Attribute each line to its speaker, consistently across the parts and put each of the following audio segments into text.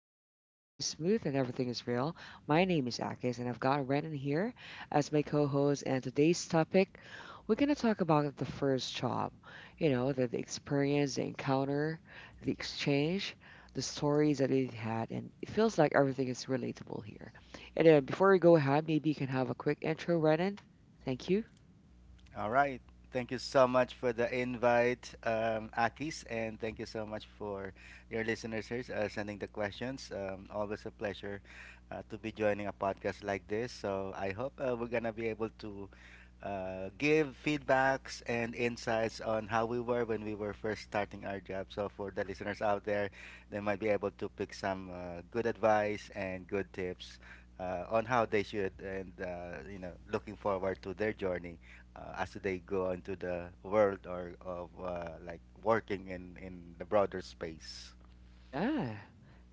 Speaker 1: easy and the vibe stays smooth and everything is real. My name is Akis, and I've got Renan here as my co-host. And today's topic, we're gonna talk about the first job. You know, the experience, the encounter, the exchange, the stories that it had, and it feels like everything is relatable here. And before we go ahead, maybe you can have a quick intro, Renan. Thank you.
Speaker 2: All right. Thank you so much for the invite, Akis, and thank you so much for your listeners here sending the questions. Always a pleasure to be joining a podcast like this. So I hope we're gonna be able to give feedbacks and insights on how we were when we were first starting our job. So for the listeners out there, they might be able to pick some good advice and good tips on how they should and looking forward to their journey as they go into the world or of like working in the broader space.
Speaker 1: Yeah.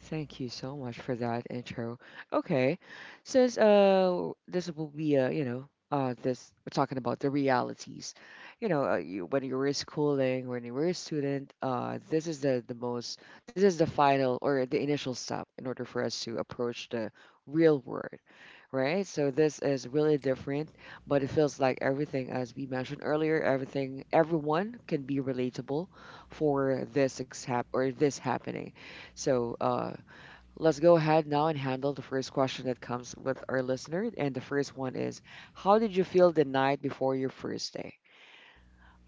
Speaker 1: Thank you so much for that intro. Okay. Since this will be this we're talking about the realities. You when you were schooling, when you were a student, this is the most. This is the final or the initial step in order for us to approach the real world, right? So this is really different, but it feels like everything as we mentioned earlier, everything everyone can be relatable for this except or this happening, so let's go ahead now and handle the first question that comes with our listener. And the first one is, how did you feel the night before your first day?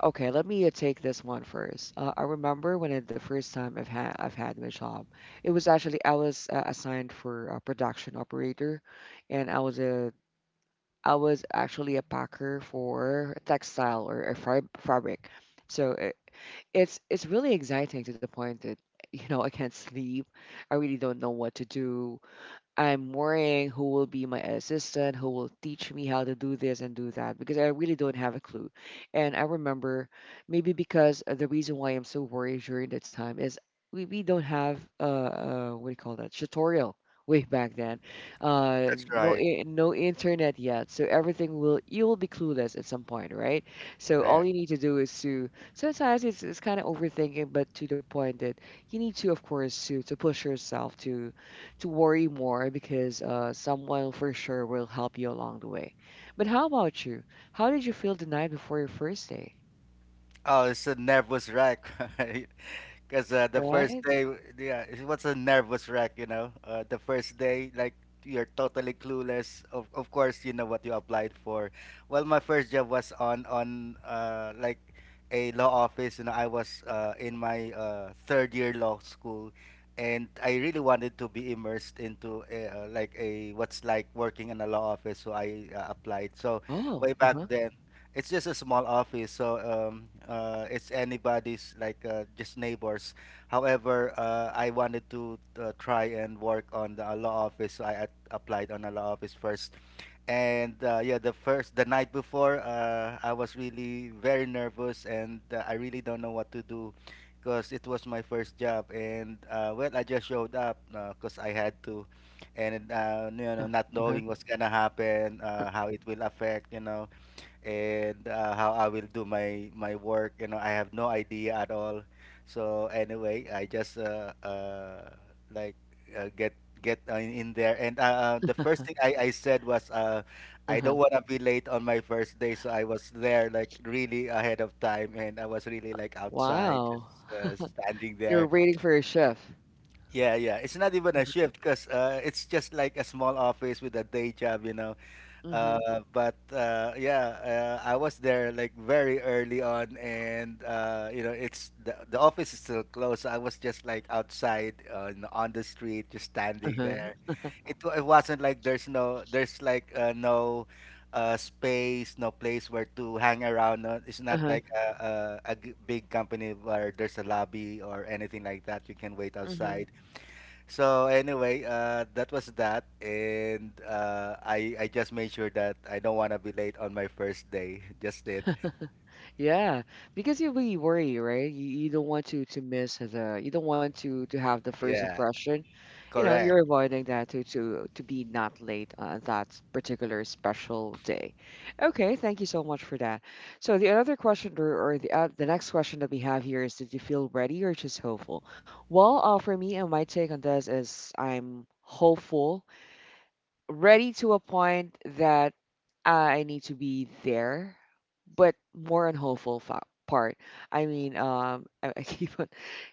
Speaker 1: Okay, let me take this one first. I remember the first time I've had my job, it was actually I was assigned for a production operator, and I was actually a packer for textile or a fabric. So it's really exciting to the point that I can't sleep. I really don't know what to do. I'm worrying who will be my assistant, who will teach me how to do this and do that because I really don't have a clue. And I remember maybe because the reason why I'm so worried during the time is we don't have what do you call that, tutorial way back then.
Speaker 2: That's
Speaker 1: No
Speaker 2: right.
Speaker 1: no internet yet. So everything will, you will be clueless at some point, right? So all
Speaker 2: Right.
Speaker 1: you need to do is to Sometimes it's kind of overthinking, but to the point that you need to, of course, to push yourself to worry more because someone for sure will help you along the way. But how about you? How did you feel the night before your first day?
Speaker 2: Oh, it's a nervous wreck. Because the first
Speaker 1: Right?
Speaker 2: day, yeah, it was a nervous wreck. The first day, like, you're totally clueless. Of course, you know what you applied for. Well, my first job was on like, a law office. You know, I was in my third year law school. And I really wanted to be immersed into a like a what's like working in a law office, so I applied. So way
Speaker 1: Oh,
Speaker 2: back
Speaker 1: uh-huh.
Speaker 2: then, it's just a small office, so it's anybody's, like just neighbors. However, I wanted to try and work on the law office, so I applied on a law office first. And yeah, the night before, I was really very nervous, and I really don't know what to do, because it was my first job. And well, I just showed up, because I had to, and you know,
Speaker 1: Yeah.
Speaker 2: not knowing
Speaker 1: Uh-huh.
Speaker 2: what's gonna happen, how it will affect, and how I will do my work. You know, I have no idea at all. So anyway, I just like uh, get get in there. And the first thing I said was, I don't
Speaker 1: Uh-huh.
Speaker 2: want to be late on my first day. So I was there like really ahead of time, and I was really like outside just.
Speaker 1: Wow.
Speaker 2: Standing
Speaker 1: You're
Speaker 2: there,
Speaker 1: waiting for your shift.
Speaker 2: yeah, yeah, it's not even a
Speaker 1: Mm-hmm.
Speaker 2: shift because it's just like a small office with a day job you know
Speaker 1: Mm-hmm.
Speaker 2: uh, but yeah, I was there like very early on, and it's the office is still closed. So I was just like outside on the street, just standing
Speaker 1: Uh-huh.
Speaker 2: there. It wasn't like there's like no space, no place where to hang around. No, it's not
Speaker 1: Uh-huh.
Speaker 2: like a big company where there's a lobby or anything like that. You can wait
Speaker 1: Mm-hmm.
Speaker 2: outside. So anyway, that was that, and I just made sure that I don't want to be late on my first day. Just it,
Speaker 1: Yeah, because you really worry, right? You don't want to miss the, you don't want to have the first
Speaker 2: yeah,
Speaker 1: impression,
Speaker 2: correct,
Speaker 1: you're avoiding that to be not late on that particular special day. Okay, thank you so much for that. So the other question, or the next question that we have here is, did you feel ready or just hopeful? Well, for me and my take on this is I'm hopeful. Ready to a point that I need to be there, but more on hopeful part. I mean, I keep on,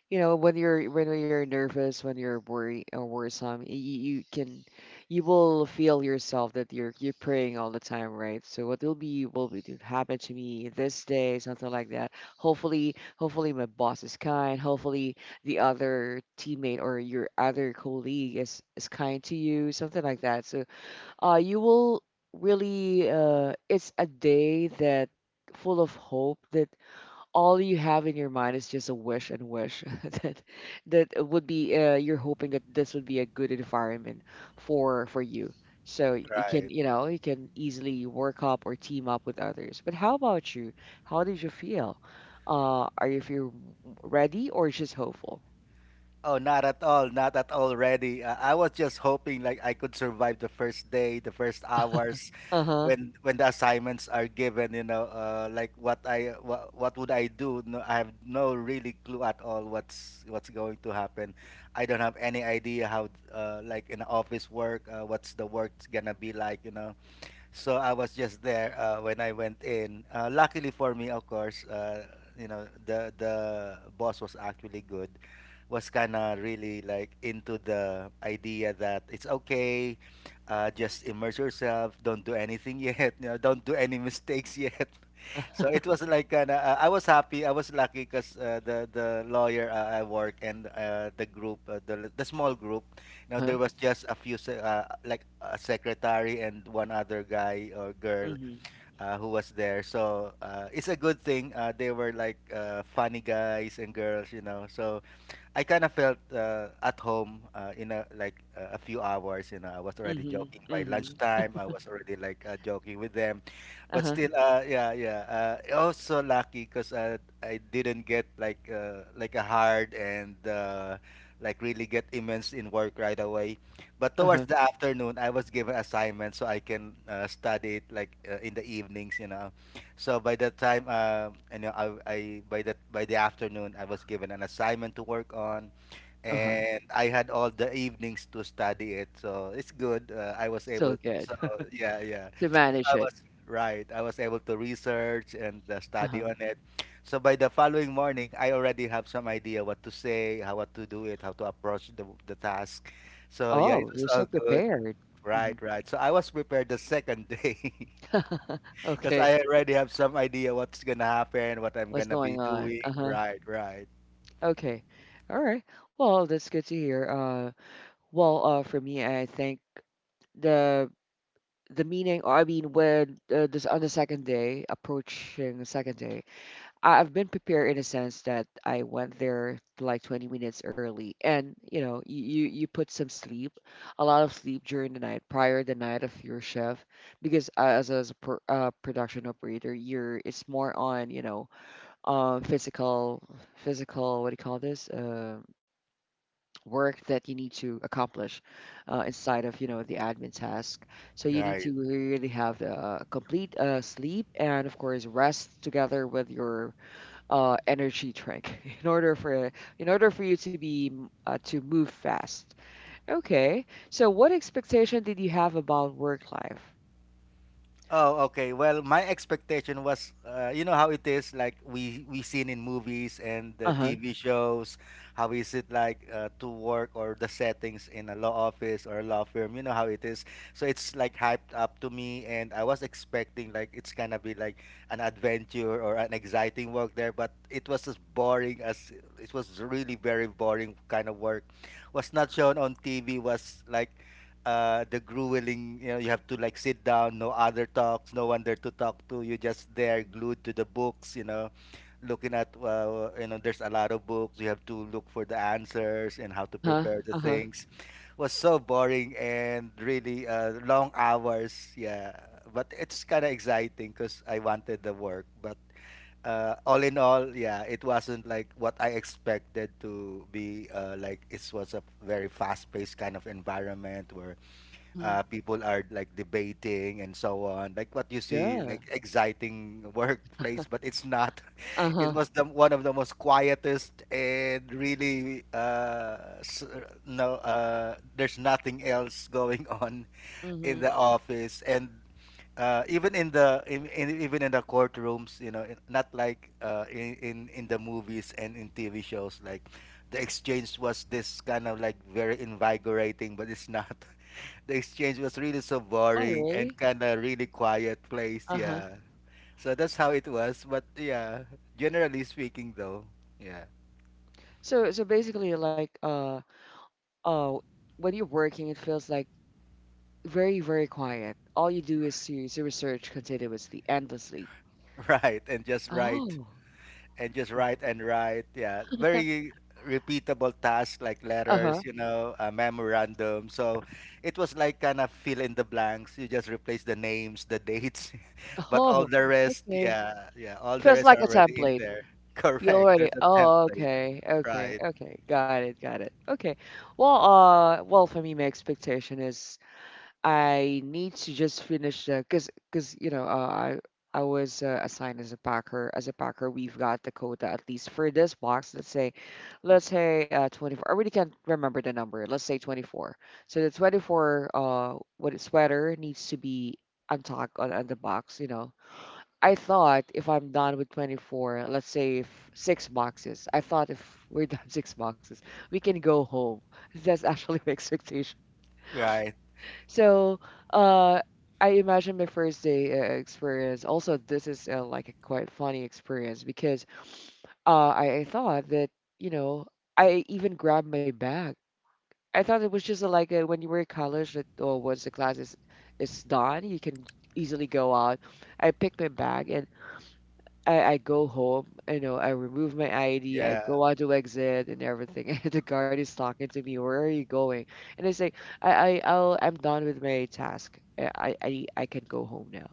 Speaker 1: when you're nervous, when you're worried or worrisome, you can, you will feel yourself that you're praying all the time, right? So what will be to happen to me this day, something like that. Hopefully, my boss is kind. Hopefully the other teammate or your other colleague is kind to you, something like that. So you will really it's a day that full of hope, that all you have in your mind is just a wish and wish that it would be you're hoping that this would be a good environment for you, so you can,
Speaker 2: right.
Speaker 1: you can easily work up or team up with others. But how about you? How did you feel? Are you feel ready or just hopeful?
Speaker 2: Oh, not at all, not at all ready. I was just hoping like I could survive the first day, the first hours
Speaker 1: Uh-huh.
Speaker 2: when the assignments are given, like what would I do? No, I have no really clue at all what's going to happen. I don't have any idea how like in office work, what's the work's gonna be like. So I was just there when I went in. Luckily for me, of course, the boss was actually good. Was kind of really like into the idea that it's okay. Just immerse yourself. Don't do anything yet. You know, don't do any mistakes yet.
Speaker 1: Uh-huh.
Speaker 2: So it was like kinda, I was happy. I was lucky because the lawyer I work and the group, the small group. Now
Speaker 1: Uh-huh.
Speaker 2: there was just a few, like a secretary and one other guy or girl
Speaker 1: Mm-hmm.
Speaker 2: uh, who was there. So it's a good thing. They were like funny guys and girls. So I kind of felt at home in a like a few hours. You know, I was already
Speaker 1: Mm-hmm.
Speaker 2: joking by
Speaker 1: Mm-hmm.
Speaker 2: lunchtime. I was already like joking with them, but
Speaker 1: Uh-huh.
Speaker 2: still, yeah, yeah. Also lucky because I didn't get like a hard and like really get immense in work right away. But towards
Speaker 1: Uh-huh.
Speaker 2: the afternoon, I was given assignments so I can study it like in the evenings. You know, so by that time, I by that by the afternoon, I was given an assignment to work on,
Speaker 1: Uh-huh.
Speaker 2: and I had all the evenings to study it. So it's good. I was
Speaker 1: Still
Speaker 2: able.
Speaker 1: good.
Speaker 2: So yeah, yeah.
Speaker 1: To
Speaker 2: So
Speaker 1: manage
Speaker 2: I
Speaker 1: it.
Speaker 2: was right. I was able to research and study
Speaker 1: Uh-huh.
Speaker 2: on it. So by the following morning, I already have some idea what to say, how what to do it, how to approach the task. So yeah, it
Speaker 1: Oh,
Speaker 2: was
Speaker 1: you're
Speaker 2: all
Speaker 1: so
Speaker 2: good.
Speaker 1: prepared. Mhm.
Speaker 2: Right, right. So I was prepared the second day. Because
Speaker 1: Okay.
Speaker 2: I already have some idea what's gonna happen, what I'm
Speaker 1: What's
Speaker 2: gonna be
Speaker 1: going on?
Speaker 2: doing.
Speaker 1: Uh-huh.
Speaker 2: Right, right,
Speaker 1: Okay. All right. Well, that's good to hear. Well, for me, I think the the meaning, I mean, when this, on the second day, approaching the second day, I've been prepared in a sense that I went there like 20 minutes early, and you put some sleep, a lot of sleep during the night, prior the night of your shift, because as a production operator, you're it's more on, um, physical physical what do you call this, work that you need to accomplish, inside of, the admin task. So you need
Speaker 2: right.
Speaker 1: to really have the complete sleep and, of course, rest, together with your energy drink in order for, you to be to move fast. Okay. So what expectation did you have about work life?
Speaker 2: Oh, okay. Well, my expectation was, you know how it is, like we seen in movies and
Speaker 1: Uh
Speaker 2: the
Speaker 1: huh.
Speaker 2: TV shows, how is it like to work or the settings in a law office or a law firm? You know how it is. So it's like hyped up to me, and I was expecting like it's gonna be like an adventure or an exciting work there, but it was as boring as it was really very boring kind of work. Was not shown on TV. Was like the grueling, you have to like sit down, no other talks, no one there to talk to. You're just there glued to the books, looking at, there's a lot of books. You have to look for the answers and how to
Speaker 1: Uh huh.
Speaker 2: prepare the
Speaker 1: Uh huh.
Speaker 2: things. Was so boring and really long hours. Yeah. But it's kind of exciting because I wanted the work. But all in all, yeah, it wasn't like what I expected to be. Like it was a very fast-paced kind of environment where
Speaker 1: Mm-hmm.
Speaker 2: people are like debating and so on like what you see like
Speaker 1: Yeah.
Speaker 2: exciting workplace but it's not
Speaker 1: Uh
Speaker 2: it
Speaker 1: huh.
Speaker 2: was the one of the most quietest and really no there's nothing else going on in
Speaker 1: Mm-hmm.
Speaker 2: the office and even in the in even in the courtrooms you know not like in the movies and in TV shows like the exchange was this kind of like very invigorating but it's not the exchange was really so
Speaker 1: Oh,
Speaker 2: boring and
Speaker 1: really?
Speaker 2: kind of really quiet place
Speaker 1: Uh huh.
Speaker 2: yeah so that's how it was but yeah generally speaking though yeah
Speaker 1: So basically, like, oh, when you're working, it feels like very very quiet. All you do is to research continuously, endlessly.
Speaker 2: Right,
Speaker 1: Oh.
Speaker 2: and just write and write. Yeah, very repeatable tasks like
Speaker 1: Uh huh.
Speaker 2: letters, a memorandum. So it was like kind of fill in the blanks. You just replace the names, the dates, but all
Speaker 1: Oh.
Speaker 2: the rest,
Speaker 1: Okay.
Speaker 2: yeah, yeah, all the
Speaker 1: Feels
Speaker 2: rest
Speaker 1: like
Speaker 2: are
Speaker 1: a
Speaker 2: already in
Speaker 1: template.
Speaker 2: there.
Speaker 1: You
Speaker 2: Correct.
Speaker 1: already,
Speaker 2: There's a
Speaker 1: oh,
Speaker 2: template.
Speaker 1: okay, okay,
Speaker 2: Right.
Speaker 1: okay. Got it, got it. Okay. Well, for me, my expectation is I need to just finish the, cause I was assigned as a packer. As a packer, we've got the quota at least for this box. Let's say 24. I really can't remember the number. Let's say 24. So the 24 what sweater needs to be untucked on, the box. I thought if I'm done with 24, let's say if six boxes, I thought if we're done six boxes, we can go home. That's actually my expectation.
Speaker 2: Right.
Speaker 1: So, uh, I imagine my first day experience. Also, this is like, a quite funny experience because I thought that, you know, I even grabbed my bag. I thought it was just like, when you were in college, that oh, once the class is done, you can easily go out. I picked my bag and. I go home, you know, I remove my ID, I
Speaker 2: Yeah.
Speaker 1: go out to exit and everything. And the guard is talking to me, "Where are you going?" And I say, " I'm done with my task. I can go home now."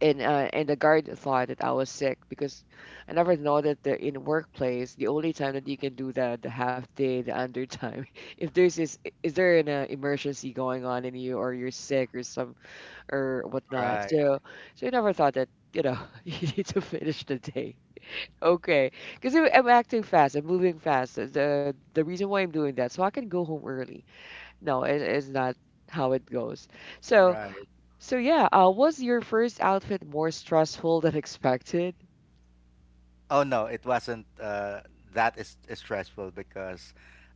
Speaker 1: And and the guard thought that I was sick because I never know that the, in workplace, the only time that you can do that, the half day, the under time, if there's is there an emergency going on in you, or you're sick or some or whatnot.
Speaker 2: Right.
Speaker 1: So, I never thought that, you need to finish the day. Okay, because I'm acting fast, I'm moving fast. The reason why I'm doing that, so I can go home early. No, it, it's not how it goes. So,
Speaker 2: Right.
Speaker 1: yeah, was your first outfit more stressful than expected?
Speaker 2: Oh no, it wasn't that is stressful because,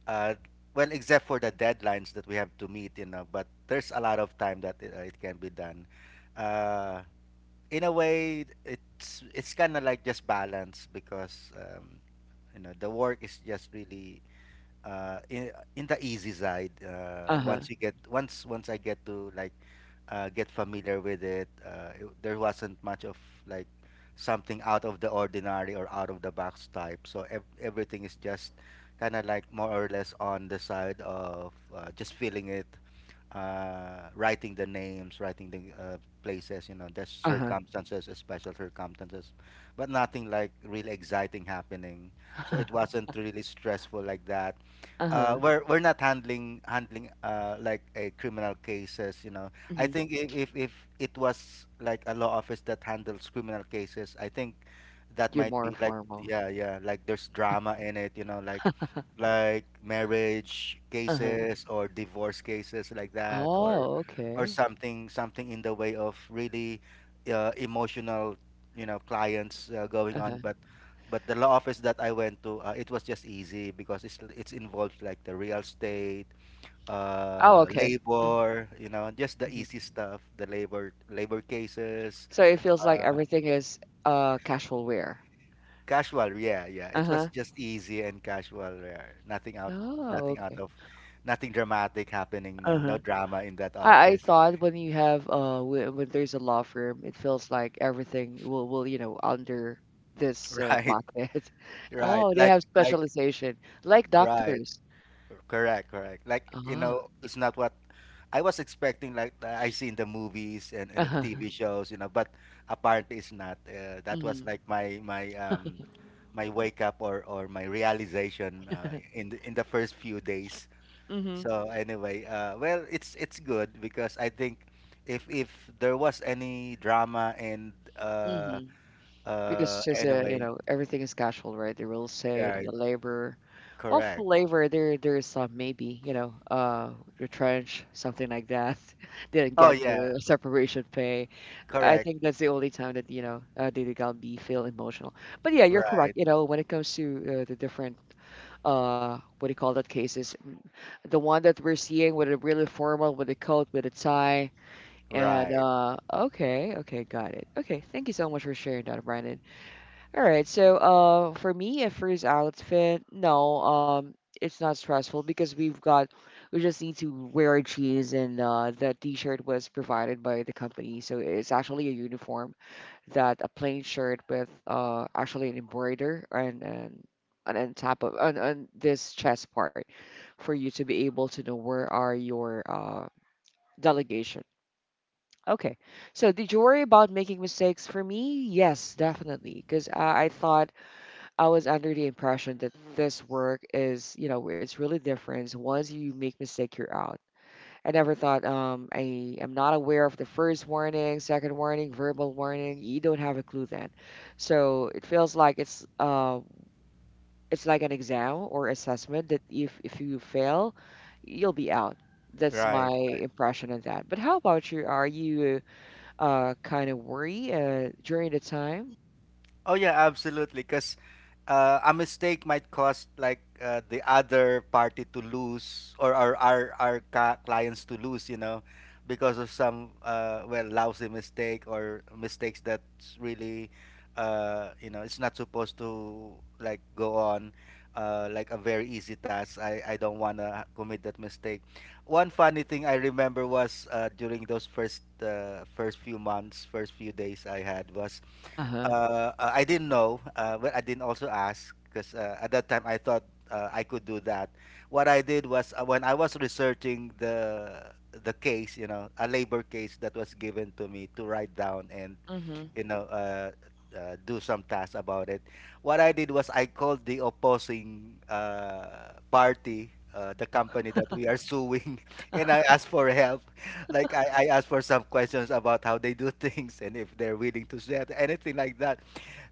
Speaker 2: uh, well, except for the deadlines that we have to meet, but there's a lot of time that it can be done. Uh, in a way, it's kind of like just balance because the work is just really in the easy side. Uh,
Speaker 1: Uh huh.
Speaker 2: once you get once once I get to like get familiar with it, there wasn't much of like something out of the ordinary or out of the box type. So everything is just kind of like more or less on the side of just feeling it writing the names, writing the places, there's
Speaker 1: Uh huh.
Speaker 2: circumstances, special circumstances, but nothing like really exciting happening. So it wasn't really stressful like that.
Speaker 1: Uh huh.
Speaker 2: We're not handling like a criminal cases. I
Speaker 1: Hmm.
Speaker 2: think if it was like a law office that handles criminal cases, I think that
Speaker 1: You're
Speaker 2: might
Speaker 1: more
Speaker 2: be like
Speaker 1: formal.
Speaker 2: yeah yeah like there's drama in it, like marriage
Speaker 1: Uh huh.
Speaker 2: cases or divorce cases like that or
Speaker 1: Oh, okay.
Speaker 2: something in the way of really emotional clients going
Speaker 1: Uh
Speaker 2: on
Speaker 1: huh.
Speaker 2: but the law office that I went to it was just easy because it's involved like the real estate
Speaker 1: Oh, okay.
Speaker 2: labor just the
Speaker 1: Mm-hmm.
Speaker 2: easy stuff the labor cases
Speaker 1: So it feels like
Speaker 2: uh,
Speaker 1: everything is casual wear.
Speaker 2: Casual, yeah, yeah.
Speaker 1: Uh
Speaker 2: It was
Speaker 1: huh.
Speaker 2: just easy and casual, yeah. Nothing out,
Speaker 1: Oh,
Speaker 2: nothing
Speaker 1: okay.
Speaker 2: out of, Nothing dramatic happening.
Speaker 1: Uh
Speaker 2: No,
Speaker 1: huh.
Speaker 2: no drama in that
Speaker 1: I
Speaker 2: office.
Speaker 1: thought when you have when there's a law firm, it feels like everything will under this
Speaker 2: Right,
Speaker 1: bucket.
Speaker 2: right.
Speaker 1: Oh, they have
Speaker 2: Like,
Speaker 1: specialization like
Speaker 2: right.
Speaker 1: doctors.
Speaker 2: Correct, correct. Like, you
Speaker 1: Ah,
Speaker 2: know, it's not what I was expecting. Like I see in the movies and in TV shows, you know. But apparently, it's not. That was
Speaker 1: mm-hmm,
Speaker 2: like my my wake up or my realization in in the first few days.
Speaker 1: mm-hmm,
Speaker 2: So anyway, well, it's good because I think if there was any drama and
Speaker 1: mm-hmm. Because it's
Speaker 2: uh
Speaker 1: just
Speaker 2: anyway,
Speaker 1: everything is casual, right? The real estate and the
Speaker 2: right,
Speaker 1: labor. Well, for
Speaker 2: correct.
Speaker 1: labor, there's some, maybe, retrench, something like that. Didn't
Speaker 2: Oh
Speaker 1: get
Speaker 2: yeah,
Speaker 1: their separation pay. I
Speaker 2: correct.
Speaker 1: think that's the only time that they got me feel emotional. But yeah, you're correct.
Speaker 2: Right,
Speaker 1: When it comes to the different what do you call that, cases, the one that we're seeing with a really formal, with a coat, with a tie, and
Speaker 2: right,
Speaker 1: okay, okay, got it. Okay, thank you so much for sharing that, Brandon. All right, so for me, a first outfit, no, it's not stressful because we just need to wear jeans, and that T-shirt was provided by the company, so it's actually a uniform, that a plain shirt with actually an embroider, and on top of, on this chest part, for you to be able to know where are your delegation. Okay. So did you worry about making mistakes? For me, yes, definitely, because I thought I was under the impression that this work is, it's really different. Once you make mistake, you're out. I never thought I am not aware of the first warning, second warning, verbal warning. You don't have a clue then. So it feels like it's it's like an exam or assessment that if you fail, you'll be out. That's my
Speaker 2: right, right.
Speaker 1: impression of that. But how about you? Are you kind of worried during the time?
Speaker 2: Oh yeah, absolutely. Because a mistake might cost like the other party to lose, or our clients to lose. You know, because of some well, lousy mistake or mistakes that's really, you know, it's not supposed to like go on. Like a very easy task. I don't want to commit that mistake. One funny thing I remember was during those first few months, first few days I had was
Speaker 1: Uh huh.
Speaker 2: I didn't know, but I didn't also ask because at that time I thought I could do that. What I did was when I was researching the case, you know, a labor case that was given to me to write down and
Speaker 1: Mm-hmm.
Speaker 2: you know, uh, do some tasks about it. What I did was I called the opposing party, the
Speaker 1: Oh,
Speaker 2: company that we are suing, and I asked for help. Like I asked for some questions about how they do things and if they're willing to share anything like that.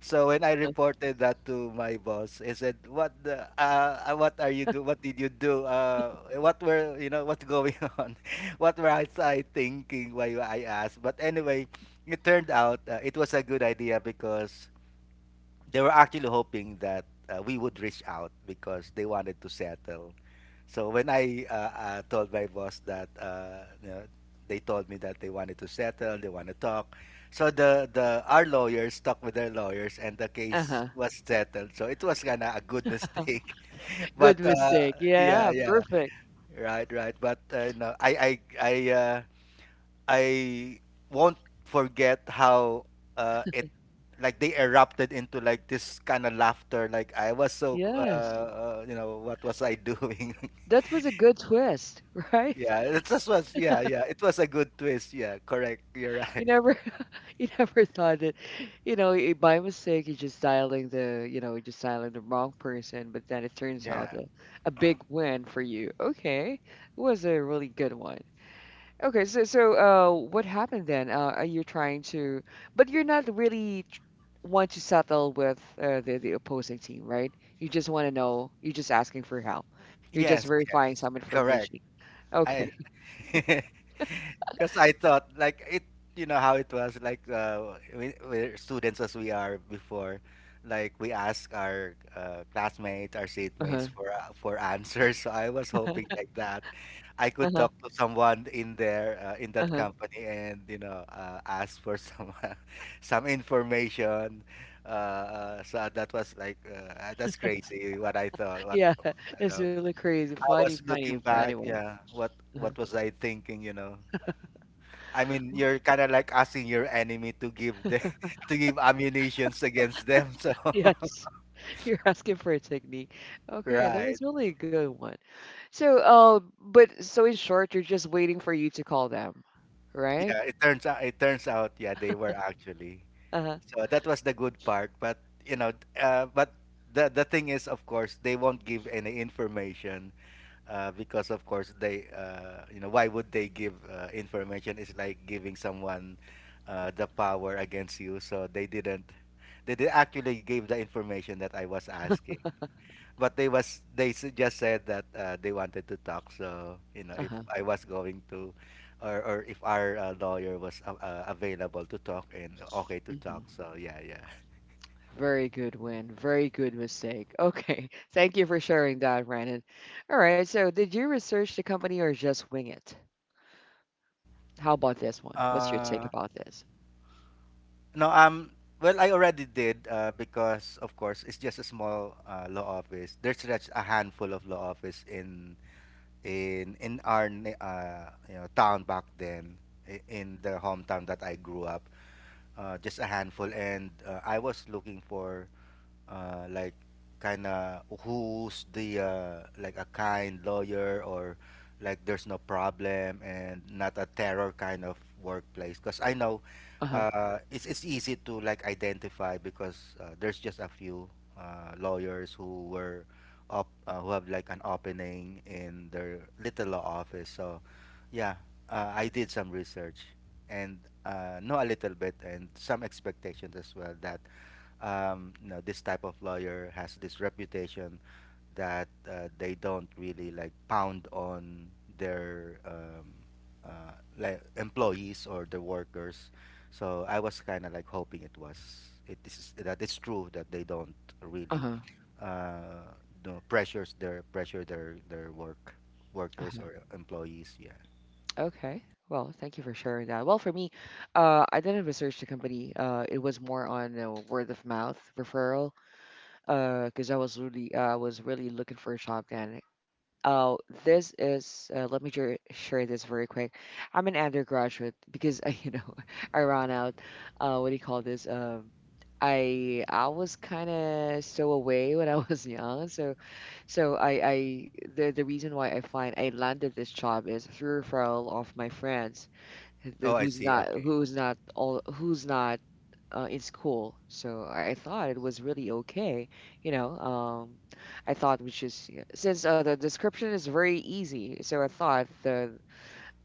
Speaker 2: So when I
Speaker 1: uh-huh.
Speaker 2: reported that to my boss, he said, "What the? What are you do? What did you do? What were you know? What's going on? What was I thinking?" Why I asked. But anyway, it turned out it was a good idea because they were actually hoping that we would reach out because they wanted to settle. So when I told my boss that you know, they told me that they wanted to settle, they want to talk. So the our lawyers talked with their lawyers and the case
Speaker 1: Uh-huh.
Speaker 2: was settled. So it was kind of a good mistake.
Speaker 1: Good
Speaker 2: But
Speaker 1: mistake. Yeah,
Speaker 2: yeah, yeah,
Speaker 1: perfect.
Speaker 2: right, right. But no, I won't forget how it like they erupted into like this kind of laughter. Like I was so
Speaker 1: Yes.
Speaker 2: you know, what was I doing?
Speaker 1: That was a good twist, right?
Speaker 2: Yeah, it just was. Yeah, yeah, it was a good twist. Yeah, correct. You're
Speaker 1: You
Speaker 2: right.
Speaker 1: never You never thought that, by mistake, you're just dialing the you're just dialing the wrong person, but then it turns out
Speaker 2: Yeah.
Speaker 1: a big win for you. Okay, it was a really good one. Okay, so what happened then? Are you trying to but you're not really want to settle with the opposing team, right? You just want to know. You're just asking for help. You're just
Speaker 2: Yes.
Speaker 1: verifying
Speaker 2: Yes.
Speaker 1: some information.
Speaker 2: Correct. I.
Speaker 1: Okay.
Speaker 2: Because I thought like it, you know how it was like we're students as we are before, like we ask our classmates, our seatmates
Speaker 1: Uh-huh.
Speaker 2: for answers. So I was hoping like that, I could
Speaker 1: Uh-huh.
Speaker 2: talk to someone in there in that
Speaker 1: Uh-huh.
Speaker 2: company and you know ask for some some information. So that was like that's crazy what I thought. What
Speaker 1: Yeah,
Speaker 2: I
Speaker 1: it's
Speaker 2: know.
Speaker 1: really crazy,
Speaker 2: I
Speaker 1: funny,
Speaker 2: was
Speaker 1: funny
Speaker 2: looking
Speaker 1: for
Speaker 2: back,
Speaker 1: anyone.
Speaker 2: yeah. What was I thinking? You know. I mean, you're kind of like asking your enemy to give the to give ammunitions against them. So,
Speaker 1: Yes, you're asking for a technique. Okay, that
Speaker 2: right.
Speaker 1: was really a good one. So, but so in short, you're just waiting for you to call them, right?
Speaker 2: Yeah, it turns out, it turns out, yeah, they were actually.
Speaker 1: Uh-huh.
Speaker 2: So that was the good part, but you know, but the thing is, of course, they won't give any information because of course they you know, why would they give information? It's like giving someone the power against you. So they didn't, they actually gave the information that I was asking, but they was they s- just said that they wanted to talk, so you know, if
Speaker 1: Uh-huh.
Speaker 2: I was going to, or if our lawyer was available to talk and okay to talk,
Speaker 1: Hmm.
Speaker 2: so yeah, yeah.
Speaker 1: Very good win. Very good mistake. Okay. Thank you for sharing that, Brandon. All right. So, did you research the company or just wing it? How about this one? What's your take
Speaker 2: uh
Speaker 1: about this?
Speaker 2: no, well, I already did, because of course it's just a small law office, there's just a handful of law office in in our you know, town back then, in the hometown that I grew up. Just a handful, and I was looking for like, kind of who's the like a kind lawyer or like there's no problem and not a terror kind of workplace, because I know
Speaker 1: Uh-huh.
Speaker 2: it's easy to like identify because there's just a few lawyers who were up who have like an opening in their little law office, so yeah. I did some research and know a little bit and some expectations as well that, you know, this type of lawyer has this reputation that they don't really like pound on their uh, like, employees or the workers. So I was kind of like hoping it was, it is that it's true that they don't really
Speaker 1: Uh-huh.
Speaker 2: uh, you know, pressure their work
Speaker 1: Uh-huh.
Speaker 2: workers or employees. Yeah.
Speaker 1: Okay. Well, thank you for sharing that. Well, for me, I didn't research the company. It was more on word of mouth referral. Because I was really, I was really looking for a job then. Oh, this is. Let me share this very quick. I'm an undergraduate because I, you know, I ran out. What do you call this? I was kind of so away when I was young, so so I the reason why I landed this job is through referral of my friends
Speaker 2: Oh, I see. Okay.
Speaker 1: who's not in school. So I thought it was really okay. You know, I thought which is since the description is very easy, so I thought the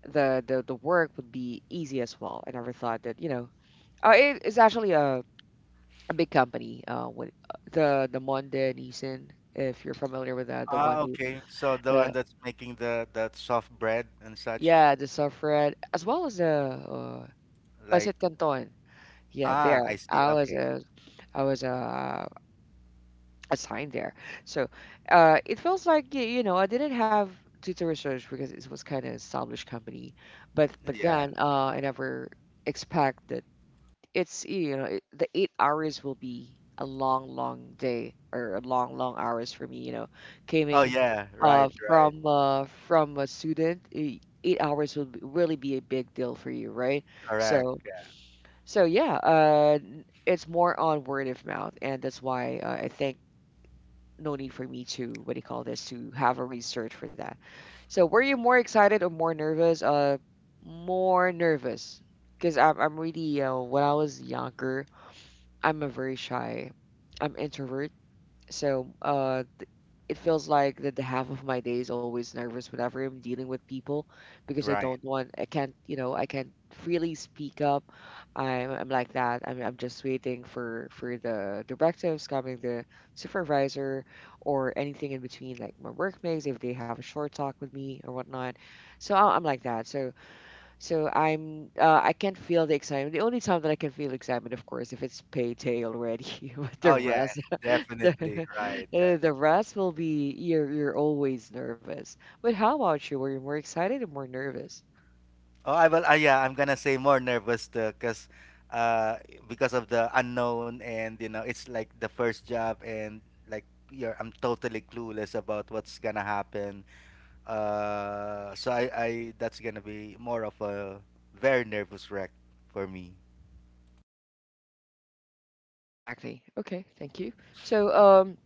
Speaker 1: the the the work would be easy as well. I never thought that you know it's actually a big company. With the Monde Nissan, if you're familiar with that, the one
Speaker 2: Ah,
Speaker 1: who
Speaker 2: okay. So the one
Speaker 1: the
Speaker 2: that's making the soft bread and such,
Speaker 1: yeah the suffrette as well as the
Speaker 2: like
Speaker 1: Pasit Canton. Yeah,
Speaker 2: ah,
Speaker 1: there.
Speaker 2: I see.
Speaker 1: I was
Speaker 2: Okay.
Speaker 1: a, I was assigned there. So it feels like you know I didn't have tutor research because it was kind of established company, but but
Speaker 2: Yeah.
Speaker 1: then uh, I never expect that it's you know it, the 8 hours will be a long long day or a long long hours for me. You know,
Speaker 2: Oh
Speaker 1: coming
Speaker 2: yeah, right, right.
Speaker 1: from a student, 8 hours will really be a big deal for you, right?
Speaker 2: Correct.
Speaker 1: So
Speaker 2: Yeah.
Speaker 1: it's more on word of mouth, and that's why I think no need for me to what do you call this to have a research for that. So were you more excited or more nervous? More nervous, because I'm really when I was younger, I'm a very shy, I'm introvert. So it feels like that the half of my day is always nervous whenever I'm dealing with people because I
Speaker 2: Right.
Speaker 1: don't want I can't you know I can't freely speak up. I'm like that. I'm just waiting for the directives coming, the supervisor or anything in between, like my workmates if they have a short talk with me or whatnot. So I'm like that. So I can't feel the excitement. The only time that I can feel excitement, of course, if it's payday already. But the
Speaker 2: Oh yeah,
Speaker 1: rest the,
Speaker 2: definitely. Right, right.
Speaker 1: the rest will be you're always nervous. But how about you? Were you more excited or more nervous?
Speaker 2: Oh, I will. Yeah, I'm gonna say more nervous too, cause, uh, because of the unknown, and you know, it's like the first job and like you're I'm totally clueless about what's gonna happen. I, that's gonna be more of a very nervous wreck for me.
Speaker 1: Exactly. Okay, thank you. So,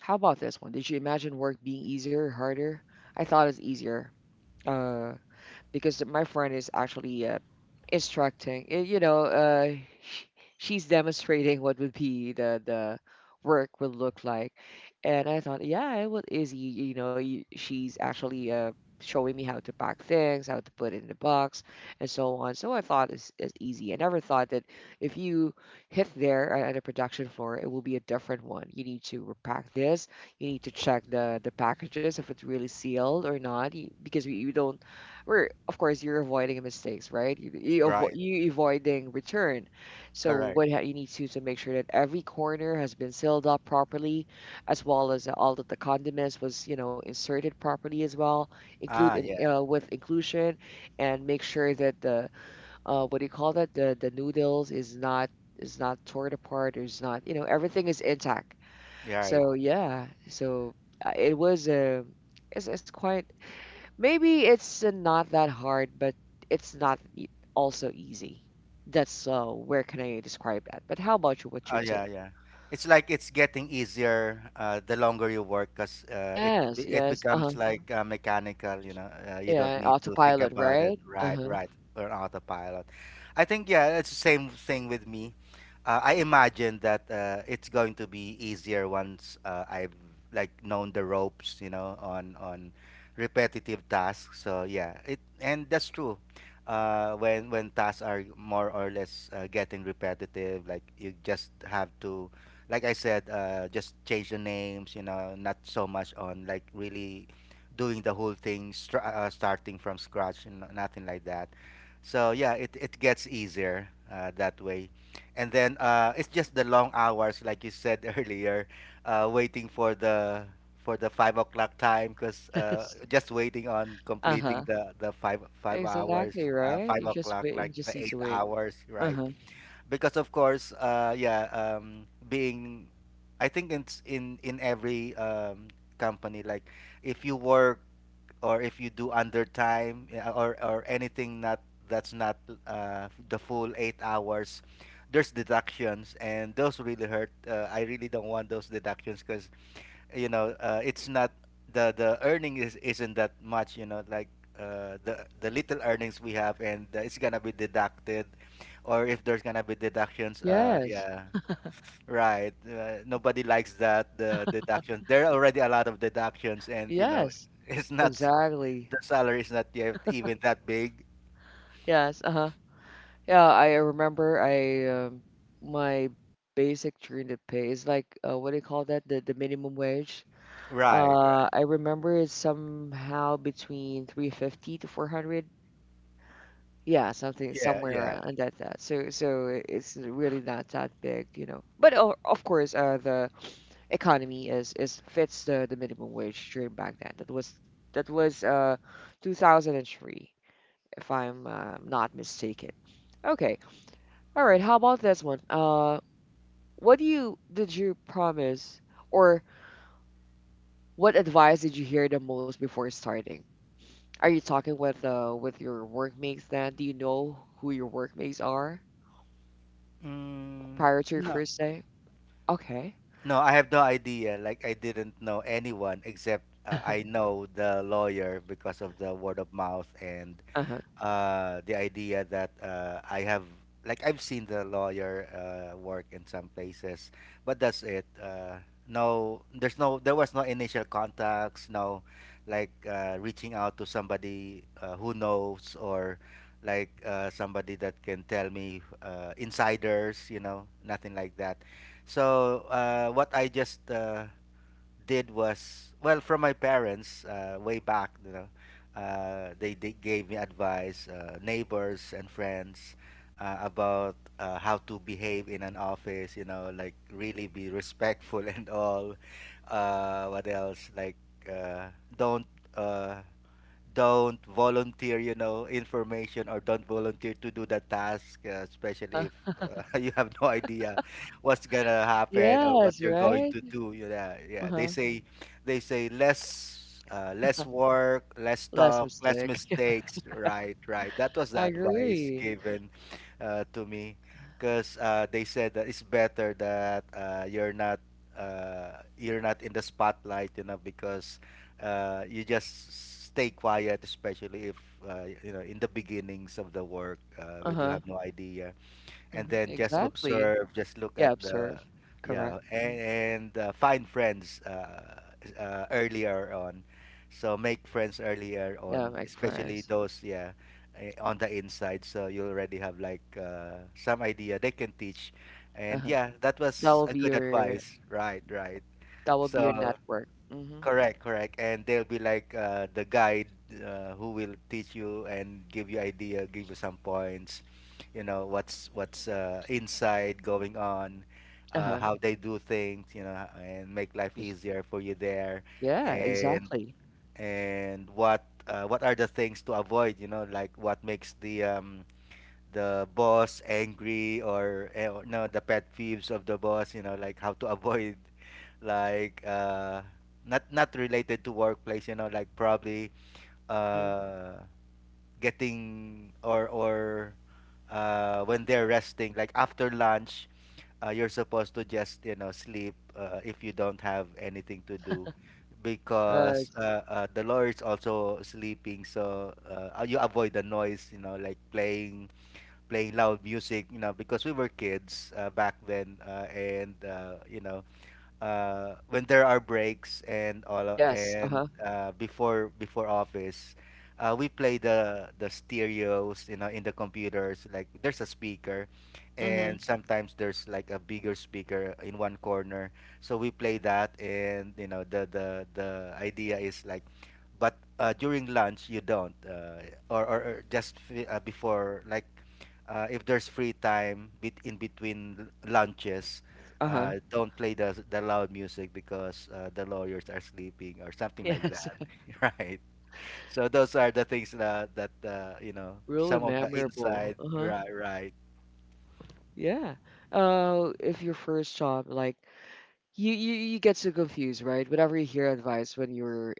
Speaker 1: how about this one? Did you imagine work being easier or harder? I thought it's easier. Uh, because my friend is actually instructing. Eh, you know, sh- she's demonstrating what would be the work would look like, and I thought, yeah, it was easy. You know, you, she's actually showing me how to pack things, how to put it in the box, and so on. So I thought it's easy. I never thought that if you hit there at a production floor, it will be a different one. You need to pack this. You need to check the packages if it's really sealed or not, because we, you don't where, of course, you're avoiding mistakes, right?
Speaker 2: Right.
Speaker 1: You avoiding return. So
Speaker 2: Correct.
Speaker 1: you need to make sure that every corner has been sealed up properly, as well as all that the condiments was you know inserted properly as well,
Speaker 2: Ah, yeah.
Speaker 1: with inclusion, and make sure that the what do you call that the noodles is not torn apart or is not you know everything is intact.
Speaker 2: Yeah, right.
Speaker 1: So yeah, so it was a it's quite maybe it's not that hard, but it's not also easy. That's where can I describe that? But how about you? What's
Speaker 2: Oh
Speaker 1: your
Speaker 2: yeah,
Speaker 1: take?
Speaker 2: yeah. It's like it's getting easier the longer you work because
Speaker 1: Yes,
Speaker 2: it
Speaker 1: yes. Uh-huh.
Speaker 2: becomes like mechanical. You know, you don't
Speaker 1: Yeah,
Speaker 2: need to think
Speaker 1: autopilot,
Speaker 2: about it.
Speaker 1: right?
Speaker 2: Right,
Speaker 1: Uh-huh.
Speaker 2: right, or autopilot. I think, yeah, it's the same thing with me. I imagine that it's going to be easier once I've like known the ropes. You know, on repetitive tasks. So yeah, it and that's true when tasks are more or less getting repetitive, like you just have to, like I said, just change the names, you know, not so much on like really doing the whole thing starting from scratch and nothing like that. So yeah, it gets easier that way. And then it's just the long hours, like you said earlier, waiting for the 5 o'clock time, because
Speaker 1: Yes.
Speaker 2: just waiting on completing
Speaker 1: Uh-huh.
Speaker 2: the five hours,
Speaker 1: Exactly, right? You
Speaker 2: five
Speaker 1: just
Speaker 2: o'clock
Speaker 1: wait, you
Speaker 2: like
Speaker 1: just need
Speaker 2: the
Speaker 1: to
Speaker 2: eight
Speaker 1: wait.
Speaker 2: hours right?
Speaker 1: Uh-huh.
Speaker 2: Because of course yeah, being, I think it's in every company like, if you work or if you do undertime, yeah, or anything not, that's not the full 8 hours, there's deductions, and those really hurt. I really don't want those deductions, because you know it's not the earning is isn't that much, you know, like, the little earnings we have, and it's gonna be deducted, or if there's gonna be deductions, uh,
Speaker 1: Yes.
Speaker 2: yeah, right. Nobody likes that, the deductions. There are already a lot of deductions and you know,
Speaker 1: Yes.
Speaker 2: it's not,
Speaker 1: Exactly.
Speaker 2: the salary is not yet even that big.
Speaker 1: Yes, uh-huh. Yeah, I remember I my basic during the pay is like what do you call that? The minimum wage.
Speaker 2: Right, right.
Speaker 1: I remember it's somehow between 350 to 400. Yeah, something
Speaker 2: Yeah,
Speaker 1: somewhere
Speaker 2: yeah.
Speaker 1: on that. So so it's really not that big, you know. But of course, the economy is fits the minimum wage during back then. That was that was 2003, if I'm not mistaken. Okay. All right. How about this one? What do you did you promise or what advice did you hear the most before starting? Are you talking with your workmates then? Do you know who your workmates are
Speaker 2: mm,
Speaker 1: prior to your
Speaker 2: no.
Speaker 1: first day? Okay.
Speaker 2: No, I have no idea. Like I didn't know anyone except I know the lawyer because of the word of mouth, and
Speaker 1: Uh-huh.
Speaker 2: the idea that I have, like I've seen the lawyer work in some places, but that's it. No, there was no initial contacts, no like reaching out to somebody who knows, or like somebody that can tell me insiders, you know, nothing like that. So what I just did was, well, from my parents way back. You know, they gave me advice, neighbors and friends about how to behave in an office. You know, like really be respectful and all. What else? Like uh, don't. Uh, don't volunteer, you know, information, or don't volunteer to do the task,
Speaker 1: Uh-huh.
Speaker 2: especially if you have no idea what's gonna happen or what
Speaker 1: Yes,
Speaker 2: you're going
Speaker 1: right?
Speaker 2: to do. You know, yeah. They
Speaker 1: Uh-huh.
Speaker 2: say, they say, less, less work, less
Speaker 1: Less
Speaker 2: talk, less
Speaker 1: mistake.
Speaker 2: mistakes. Right, right. That was the
Speaker 1: I
Speaker 2: advice
Speaker 1: agree.
Speaker 2: given to me, because they said that it's better that you're not. You're not in the spotlight, you know, because you just stay quiet, especially if you know, in the beginnings of the work when you
Speaker 1: Uh-huh.
Speaker 2: have no idea, and
Speaker 1: Hmm.
Speaker 2: then just
Speaker 1: Exactly.
Speaker 2: observe, just look at
Speaker 1: Yeah, observe.
Speaker 2: the,
Speaker 1: Correct.
Speaker 2: yeah,
Speaker 1: Hmm.
Speaker 2: and find friends earlier on. So make friends earlier
Speaker 1: Yeah,
Speaker 2: on,
Speaker 1: make
Speaker 2: especially
Speaker 1: friends.
Speaker 2: those, yeah, eh, on the inside. So you already have like some idea they can teach, and
Speaker 1: Uh-huh.
Speaker 2: yeah, that
Speaker 1: That
Speaker 2: was
Speaker 1: will
Speaker 2: a
Speaker 1: be
Speaker 2: good
Speaker 1: your
Speaker 2: advice. Right, right.
Speaker 1: that will be your
Speaker 2: So.
Speaker 1: network. Mm-hmm.
Speaker 2: Correct, correct. And they'll be like the guide, who will teach you and give you idea, give you some points, you know, what's inside going on,
Speaker 1: Uh-huh.
Speaker 2: how they do things, you know, and make life
Speaker 1: Just
Speaker 2: easier for you there,
Speaker 1: yeah,
Speaker 2: and
Speaker 1: exactly.
Speaker 2: and what are the things to avoid, you know, like what makes the boss angry, or no, the pet peeves of the boss, you know, like how to avoid. Like, not related to workplace, you know, like probably,
Speaker 1: Mm-hmm.
Speaker 2: uh getting, or when they're resting, like after lunch. You're supposed to just, you know, sleep, if you don't have anything to do,
Speaker 1: Uh,
Speaker 2: because the lawyer is also sleeping, so you avoid the noise, you know, like playing. Play loud music, you know, because we were kids back then, and, you know, when there are breaks and all,
Speaker 1: yes.
Speaker 2: and,
Speaker 1: Uh-huh.
Speaker 2: before office, we play the stereos, you know, in the computers. Like, there's a speaker,
Speaker 1: Mm-hmm.
Speaker 2: and sometimes there's like a bigger speaker in one corner. So we play that, and, you know, the idea is like, but during lunch you don't, or just before, like, if there's free time bit in between lunches.
Speaker 1: Uh-huh.
Speaker 2: Don't play the loud music because, the lawyers are sleeping or something like
Speaker 1: Yes.
Speaker 2: that. Right. So those are the things that you know,
Speaker 1: Really
Speaker 2: some of the
Speaker 1: memorable.
Speaker 2: inside.
Speaker 1: Uh-huh.
Speaker 2: Right, right.
Speaker 1: Yeah. If your first job, like you get so confused, right? Whenever you hear advice when you're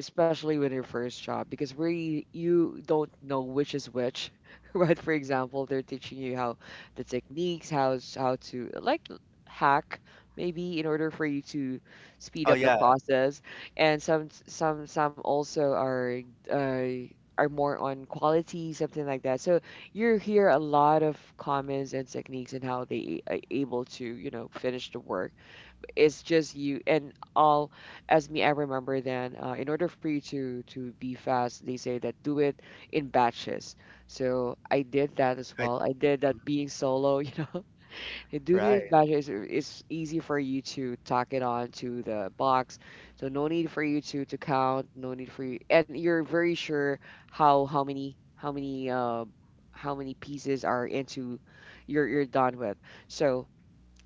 Speaker 1: especially with your first job because where you don't know which is which right for example they're teaching you how the techniques how to like hack maybe in order for you to speed
Speaker 2: Oh
Speaker 1: up the
Speaker 2: yeah.
Speaker 1: process and some also uh, are more on quality something like that so you hear a lot of comments and techniques and how they are able to you know finish the work it's just you and all as me I remember then in order for you to be fast they say that do it in batches so I did that as
Speaker 2: I,
Speaker 1: well I did that being solo you know and do this
Speaker 2: right,
Speaker 1: batches it's easy for you to tack it on to the box so no need for you to count no need for you and you're very sure how how many how many uh how many pieces are into you're done with so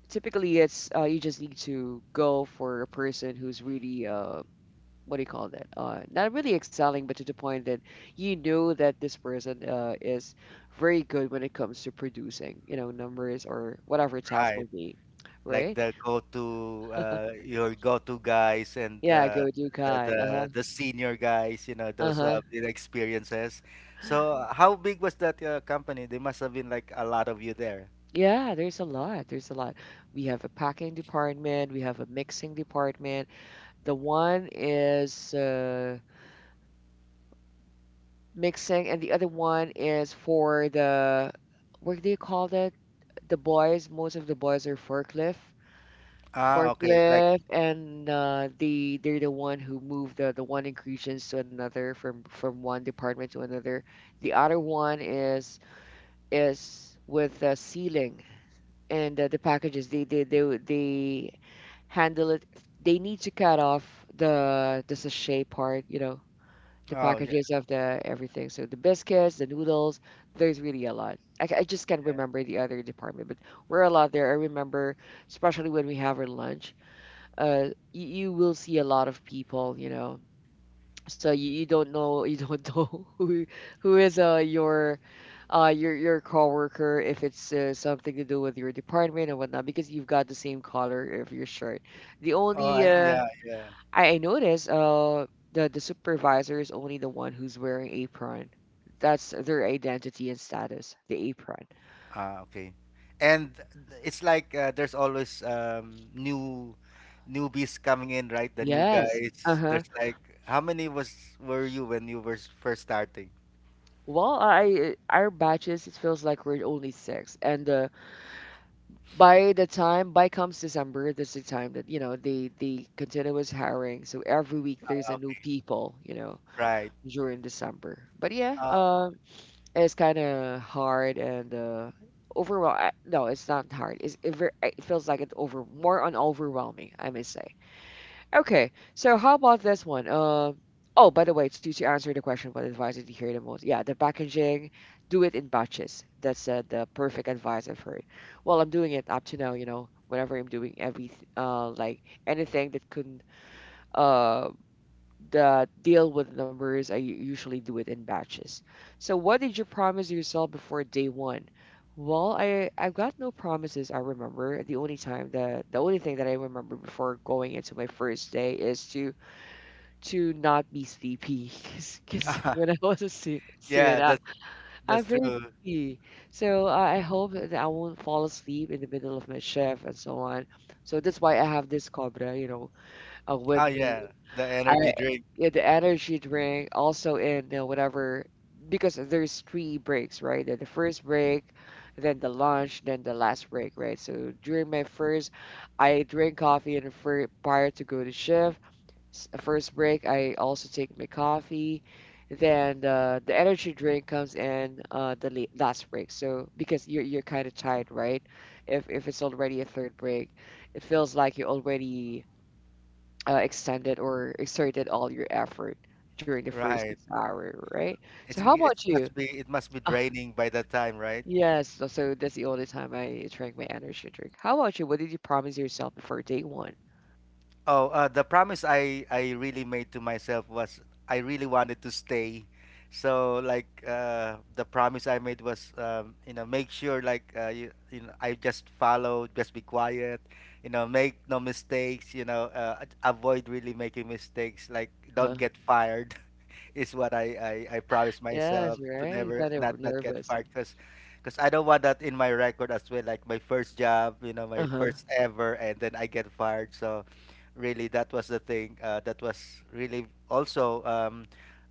Speaker 1: typically it's you just need to go for a person who's really what do you call that not really excelling but to the point that you know that this person is very good when it comes to producing you know numbers or whatever task
Speaker 2: right.
Speaker 1: will be
Speaker 2: Like
Speaker 1: right
Speaker 2: the go-to your go-to guys, and
Speaker 1: yeah go do
Speaker 2: the,
Speaker 1: kai
Speaker 2: the
Speaker 1: uh-huh
Speaker 2: the senior guys, you know, those who
Speaker 1: uh-huh
Speaker 2: have the experiences. So how big was that company? There must have been like a lot of you there.
Speaker 1: yeah there's a lot we have a packing department we have a mixing department the one is mixing, and the other one is for the what do you call that? The boys, most of the boys are forklift,
Speaker 2: Ah, okay. Like.
Speaker 1: forklift, and they're the one who move the one ingredients to another from one department to another. The other one is with the sealing and the packages. They handle it. They need to cut off the sachet part, you know the
Speaker 2: Oh yeah,
Speaker 1: packages of the everything. So the biscuits, the noodles, there's really a lot. I just can't
Speaker 2: yeah.
Speaker 1: remember the other department, but we're a lot there. I remember, especially when we have our lunch, you, you will see a lot of people, you know. So you don't know you don't know who is your your coworker if it's something to do with your department and whatnot because you've got the same color of your shirt. The
Speaker 2: Oh,
Speaker 1: only
Speaker 2: yeah, yeah.
Speaker 1: I noticed the supervisor is only the one who's wearing apron. That's their identity and status, the apron.
Speaker 2: Ah, okay. And it's like, there's always, new newbies coming in, right? The new
Speaker 1: Yes.
Speaker 2: guys.
Speaker 1: Uh-huh.
Speaker 2: There's like, how many was were you when you were first starting?
Speaker 1: Well, I our batches, it feels like we're only six, and by the time by comes December. This is the time that you know they continuous hiring. So every week there's
Speaker 2: Ah,
Speaker 1: a new
Speaker 2: okay.
Speaker 1: people,
Speaker 2: Right.
Speaker 1: during December. But yeah,
Speaker 2: Uh,
Speaker 1: it's kind of hard. And overwhel- I no, it's not hard. It feels like it's over more on overwhelming, I may say. Okay, so how about this one? Oh, by the way, to answer the question, what advice did you hear the most? Yeah, the packaging, do it in batches. That's the perfect advice I've heard. Well, I'm doing it up to now, you know, whenever I'm doing every like anything that could uh that deal with numbers, I usually do it in batches. So, what did you promise yourself before day one? Well, I've got no promises. I remember the only thing that I remember before going into my first day is to not be sleepy because
Speaker 2: Ah.
Speaker 1: when I was a student,
Speaker 2: Yeah,
Speaker 1: I,
Speaker 2: that's
Speaker 1: I'm
Speaker 2: that's
Speaker 1: very
Speaker 2: true.
Speaker 1: sleepy. So I hope that I won't fall asleep in the middle of my shift and so on. So that's why I have this cobra, you know, with
Speaker 2: Oh yeah,
Speaker 1: me.
Speaker 2: the energy
Speaker 1: I
Speaker 2: drink,
Speaker 1: yeah, the energy drink also in the whatever because there's three breaks, right? The first break, then the lunch, then the last break, right? So during my first, I drink coffee in the fir prior to go to shift. First break, I also take my coffee. Then the energy drink comes in the last break. So because you're kind of tired, right? If it's already a third break, it feels like you already extended or exerted all your effort during the first
Speaker 2: right?
Speaker 1: 6 hour, right? So
Speaker 2: It's,
Speaker 1: how
Speaker 2: it
Speaker 1: about you?
Speaker 2: must be it must be
Speaker 1: Ah,
Speaker 2: draining by that time, right?
Speaker 1: yes, so that's the only time I drank my energy drink. How about you? What did you promise yourself before day one?
Speaker 2: Oh, the promise I really made to myself was, I really wanted to stay. So like, the promise I made was, you know, make sure, like, you know, I just follow, just be quiet, you know, make no mistakes, you know, avoid really making mistakes, like, don't
Speaker 1: Uh-huh.
Speaker 2: get fired. Is what I promise
Speaker 1: Yes,
Speaker 2: myself, to
Speaker 1: right?
Speaker 2: never
Speaker 1: Kind
Speaker 2: not
Speaker 1: of
Speaker 2: not get
Speaker 1: nervous.
Speaker 2: fired, because I don't want that in my record as well. Like, my first job, you know, my
Speaker 1: Uh-huh.
Speaker 2: first ever, and then I get fired. So, really, that was the thing. That was really also,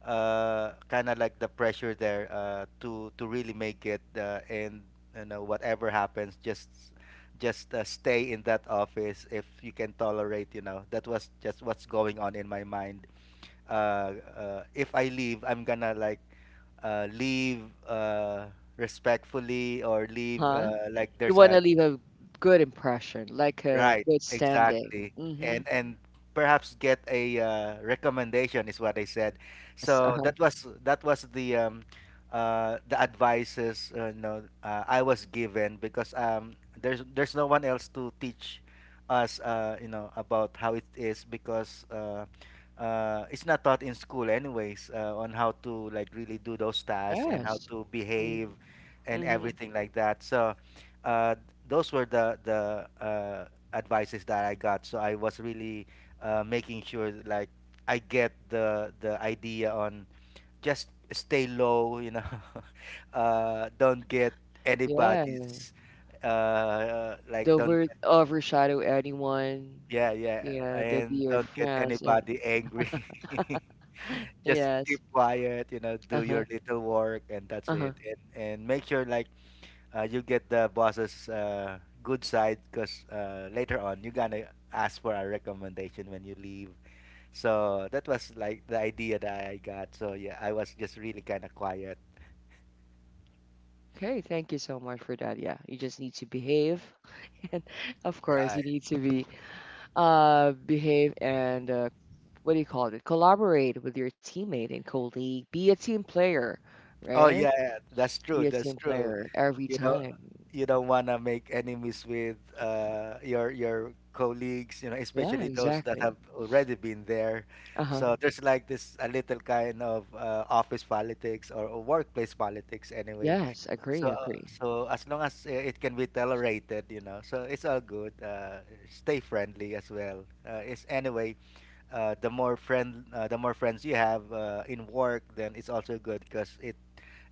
Speaker 2: kind of like the pressure there, to really make it, and, you know, whatever happens, just stay in that office if you can tolerate, you know, that was just what's going on in my mind. Uh, uh, if I leave, I'm gonna like, leave, respectfully, or leave,
Speaker 1: Uh-huh.
Speaker 2: like
Speaker 1: You
Speaker 2: there's
Speaker 1: want
Speaker 2: a...
Speaker 1: to leave a good impression, like a
Speaker 2: Right,
Speaker 1: good standing.
Speaker 2: exactly.
Speaker 1: Mm-hmm.
Speaker 2: And perhaps get a, recommendation, is what I said.
Speaker 1: Yes,
Speaker 2: So
Speaker 1: uh-huh.
Speaker 2: that was the, the advices, no, I was given, because, there's no one else to teach us, you know, about how it is, because, it's not taught in school anyways, on how to, like, really do those tasks and how
Speaker 1: Yes.
Speaker 2: to behave and
Speaker 1: Mm-hmm.
Speaker 2: everything like that. So, uh, those were the advices that I got. So I was really, making sure that, like, I get the idea on just stay low, you know. Don't get
Speaker 1: Yeah.
Speaker 2: anybody's, like,
Speaker 1: They'll
Speaker 2: don't
Speaker 1: over
Speaker 2: get,
Speaker 1: overshadow anyone.
Speaker 2: yeah, yeah,
Speaker 1: Yeah, they'll be
Speaker 2: and
Speaker 1: your
Speaker 2: don't get
Speaker 1: friends and
Speaker 2: anybody angry. Just
Speaker 1: yes.
Speaker 2: keep quiet, you know, do
Speaker 1: Uh-huh.
Speaker 2: your little work, and that's
Speaker 1: Uh-huh.
Speaker 2: it, and make sure like, you get the boss's, good side, because, later on you're gonna ask for a recommendation when you leave. So that was like the idea that I got. So yeah, I was just really kind of quiet.
Speaker 1: Okay, thank you so much for that. Yeah, you just need to behave. And of course, you
Speaker 2: Right.
Speaker 1: need to be behave and what do you call it? Collaborate with your teammate and colleague. Be a team player,
Speaker 2: Oh
Speaker 1: right?
Speaker 2: yeah, yeah, that's
Speaker 1: Be
Speaker 2: true.
Speaker 1: a
Speaker 2: That's
Speaker 1: team
Speaker 2: true.
Speaker 1: player every
Speaker 2: You know,
Speaker 1: time.
Speaker 2: you don't want to make enemies with, your colleagues. You know,
Speaker 1: Yeah,
Speaker 2: especially those that
Speaker 1: exactly.
Speaker 2: have already been there.
Speaker 1: Uh-huh.
Speaker 2: So there's like this a little kind of, office politics, or workplace politics anyway.
Speaker 1: Yes, agree,
Speaker 2: So uh,
Speaker 1: agree.
Speaker 2: so as long as, it can be tolerated, you know, so it's all good. Stay friendly as well. It's anyway. The more friends you have, in work, then it's also good, because it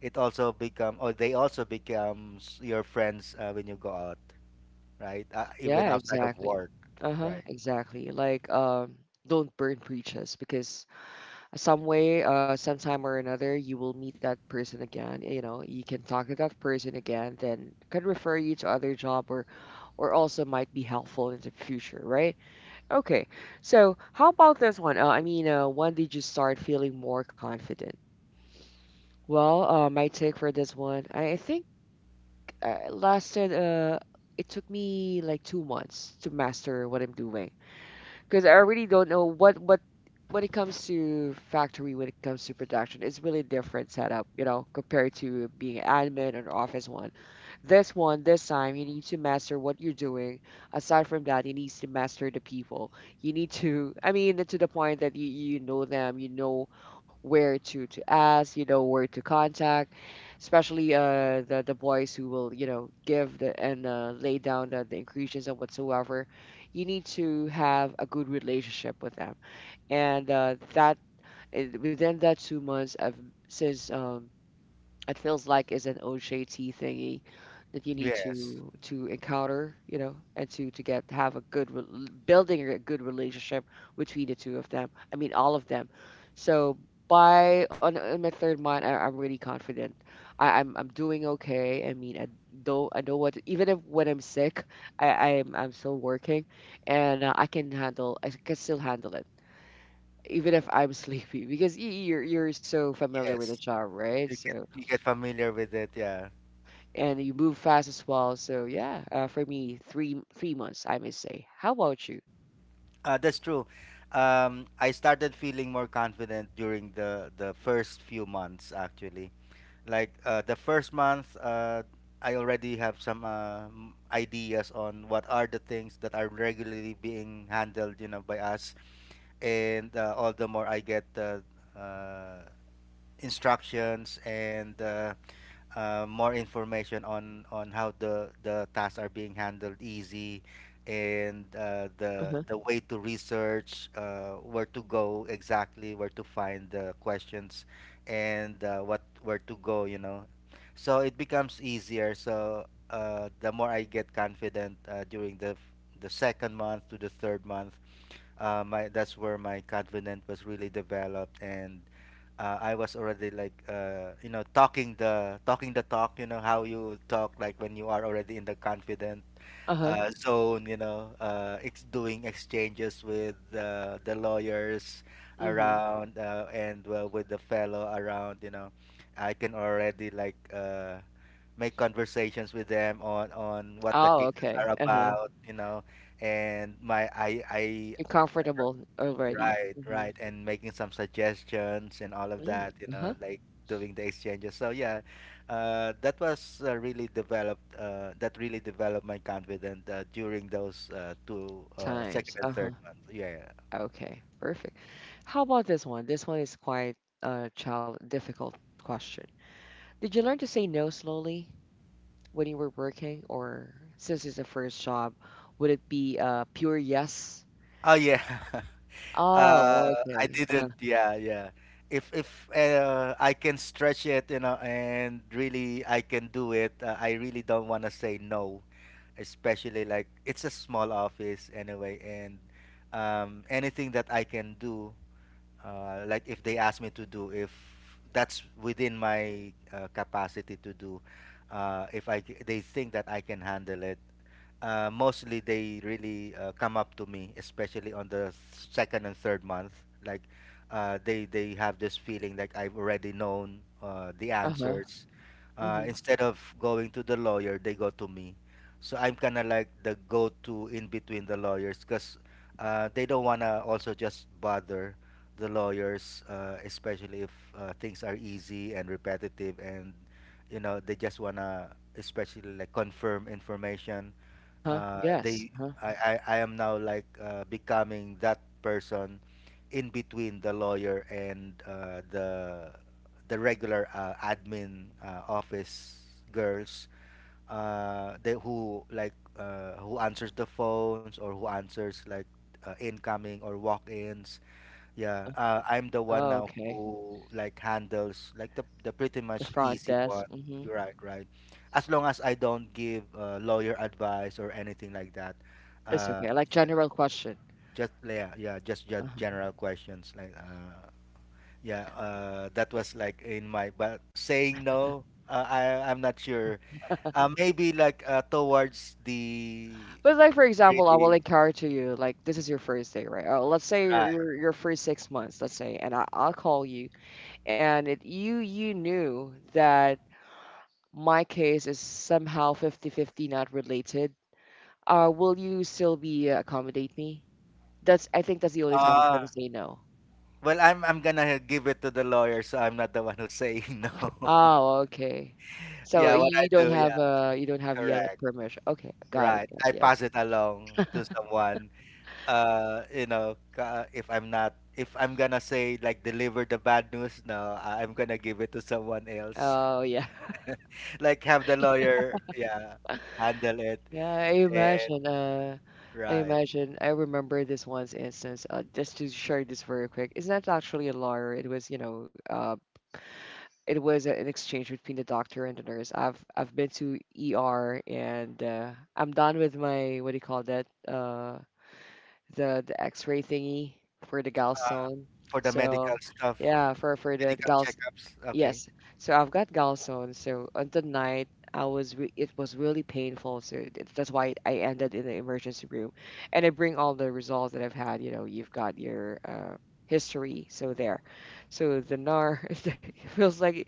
Speaker 2: it also become or they also becomes your friends, when you go out, right? Even
Speaker 1: Yeah,
Speaker 2: outside of
Speaker 1: exactly.
Speaker 2: work,
Speaker 1: Uh-huh,
Speaker 2: right?
Speaker 1: exactly. Like, don't burn bridges because some way, sometime or another, you will meet that person again. You know, you can talk to that person again, then can refer you to other job, or also might be helpful in the future, right? Okay. So how about this one? I mean, when did you start feeling more confident? Well, my take for this one, I think it lasted. It took me like 2 months to master what I'm doing because I really don't know what when it comes to factory, when it comes to production, it's really different setup, you know, compared to being admin or office one. This one, this time, you need to master what you're doing. Aside from that, you need to master the people. You need to, I mean, to the point that you know them, you know where to ask, you know where to contact, especially the boys who will, you know, give the and lay down the increases and whatsoever. You need to have a good relationship with them. And within that 2 months of since it feels like it's an OJT thingy that you need
Speaker 2: Yes,
Speaker 1: to encounter, you know, and to get have a good building a good relationship between the two of them. I mean, all of them. So on my third month, I'm really confident. I'm doing okay. I mean, I don't I know what even if when I'm sick, I I'm still working, and I can still handle it even if I'm sleepy because you're so familiar with the
Speaker 2: yes.
Speaker 1: job, right?
Speaker 2: You get
Speaker 1: So
Speaker 2: you get familiar with it. Yeah,
Speaker 1: and you move fast as well. So yeah, for me, three months, I may say. How about you?
Speaker 2: that's true. I started feeling more confident during the first few months actually. Like, the first month, I already have some, ideas on what are the things that are regularly being handled, you know, by us, and all the more I get, uh, instructions, and, more information on how the tasks are being handled easy, and,
Speaker 1: Uh
Speaker 2: the
Speaker 1: huh.
Speaker 2: the way to research, where to go, exactly where to find the questions, and, what where to go, you know, so it becomes easier. So, the more I get confident, during the second month to the third month, my that's where my confidence was really developed, and, I was already, like, you know, talking the talk, you know, how you talk like when you are already in the confident,
Speaker 1: Uh huh.
Speaker 2: zone, you know, doing exchanges with, the lawyers
Speaker 1: Mm-hmm.
Speaker 2: around, and, well, with the fellow around, you know, I can already, like, make conversations with them on what the
Speaker 1: Oh,
Speaker 2: cases
Speaker 1: okay.
Speaker 2: are
Speaker 1: Uh huh.
Speaker 2: about, you know, and my I I.
Speaker 1: You're comfortable already.
Speaker 2: Right,
Speaker 1: Mm-hmm.
Speaker 2: right, and making some suggestions and all of
Speaker 1: Mm,
Speaker 2: that,
Speaker 1: uh
Speaker 2: you
Speaker 1: huh.
Speaker 2: know, like, doing the exchanges. So yeah, that was, really developed. That really developed my confidence, during those, two
Speaker 1: Times.
Speaker 2: second
Speaker 1: Uh
Speaker 2: and
Speaker 1: huh.
Speaker 2: third month. Yeah. Yeah.
Speaker 1: Okay. Perfect. How about this one? This one is quite a child difficult question. Did you learn to say no slowly when you were working, or since it's the first job, would it be pure yes?
Speaker 2: Oh yeah. uh,
Speaker 1: Oh,
Speaker 2: I
Speaker 1: okay. Uh huh.
Speaker 2: didn't. Yeah, yeah. If I can stretch it, you know, and really I can do it, I really don't want to say no, especially, like, it's a small office anyway, and, anything that I can do, like, if they ask me to do, if that's within my, capacity to do, if they think that I can handle it, mostly they really, come up to me, especially on the second and third month. Like, they have this feeling like I've already known, the
Speaker 1: Uh huh.
Speaker 2: answers. Instead of going to the lawyer, they go to me. So I'm kind of like the go-to in between the lawyers, because, they don't wanna also just bother the lawyers, especially if, things are easy and repetitive, and you know they just wanna, especially, like, confirm information,
Speaker 1: Uh-huh,
Speaker 2: uh,
Speaker 1: yes,
Speaker 2: they
Speaker 1: uh-huh,
Speaker 2: I am now, like, becoming that person in between the lawyer and, the regular, admin, office girls, they who, like, who answers the phones, or who answers, like, incoming or walk-ins. Yeah,
Speaker 1: uh-huh.
Speaker 2: I'm the one
Speaker 1: Oh,
Speaker 2: now
Speaker 1: okay.
Speaker 2: who, like, handles, like, the pretty
Speaker 1: The
Speaker 2: much
Speaker 1: front
Speaker 2: easy
Speaker 1: desk,
Speaker 2: one.
Speaker 1: mhm.
Speaker 2: You're Right, right. As long as I don't give, lawyer advice or anything like that,
Speaker 1: It's
Speaker 2: uh,
Speaker 1: okay, like general question.
Speaker 2: just yeah, yeah, just
Speaker 1: Uh-huh.
Speaker 2: general questions, like, yeah, that was like in my, but saying no, I'm not sure. Maybe, like, towards the
Speaker 1: But like for example, I will
Speaker 2: really,
Speaker 1: encourage you, like this is your first day, right? Oh, let's say you're
Speaker 2: right.
Speaker 1: you're you're free 6 months, let's say, and I'll call you, and it, you knew that my case is somehow fifty fifty not related. Will you still be accommodate me? That's I think that's the only time you
Speaker 2: Uh,
Speaker 1: can say no.
Speaker 2: well, I'm gonna give it to the lawyer, so I'm not the one who's saying no.
Speaker 1: Oh, okay. So
Speaker 2: Yeah, what
Speaker 1: you
Speaker 2: I do. Yeah,
Speaker 1: you don't have yet a
Speaker 2: correct.
Speaker 1: permission. Okay, got it,
Speaker 2: Right.
Speaker 1: got it.
Speaker 2: I
Speaker 1: Yes.
Speaker 2: pass it along to someone. You know, if I'm gonna say, like, deliver the bad news, no, I'm gonna give it to someone else.
Speaker 1: Oh yeah.
Speaker 2: Like, have the lawyer, yeah, handle it.
Speaker 1: Yeah, I
Speaker 2: And
Speaker 1: imagine
Speaker 2: right.
Speaker 1: I remember this one's instance, just to share this very quick. It's not actually a lawyer, it was, you know, it was an exchange between the doctor and the nurse. I've been to ER and I'm done with my what do you call that? The X-ray thingy for the gallstone.
Speaker 2: For the
Speaker 1: So
Speaker 2: medical stuff,
Speaker 1: yeah, for the
Speaker 2: medical
Speaker 1: galls.
Speaker 2: checkups. Okay.
Speaker 1: Yes. So I've got gallstone. So on the night I was re it was really painful. So it's, that's why I ended in the emergency room, and I bring all the results that I've had. You know, you've got your history. So there. So the NAR feels like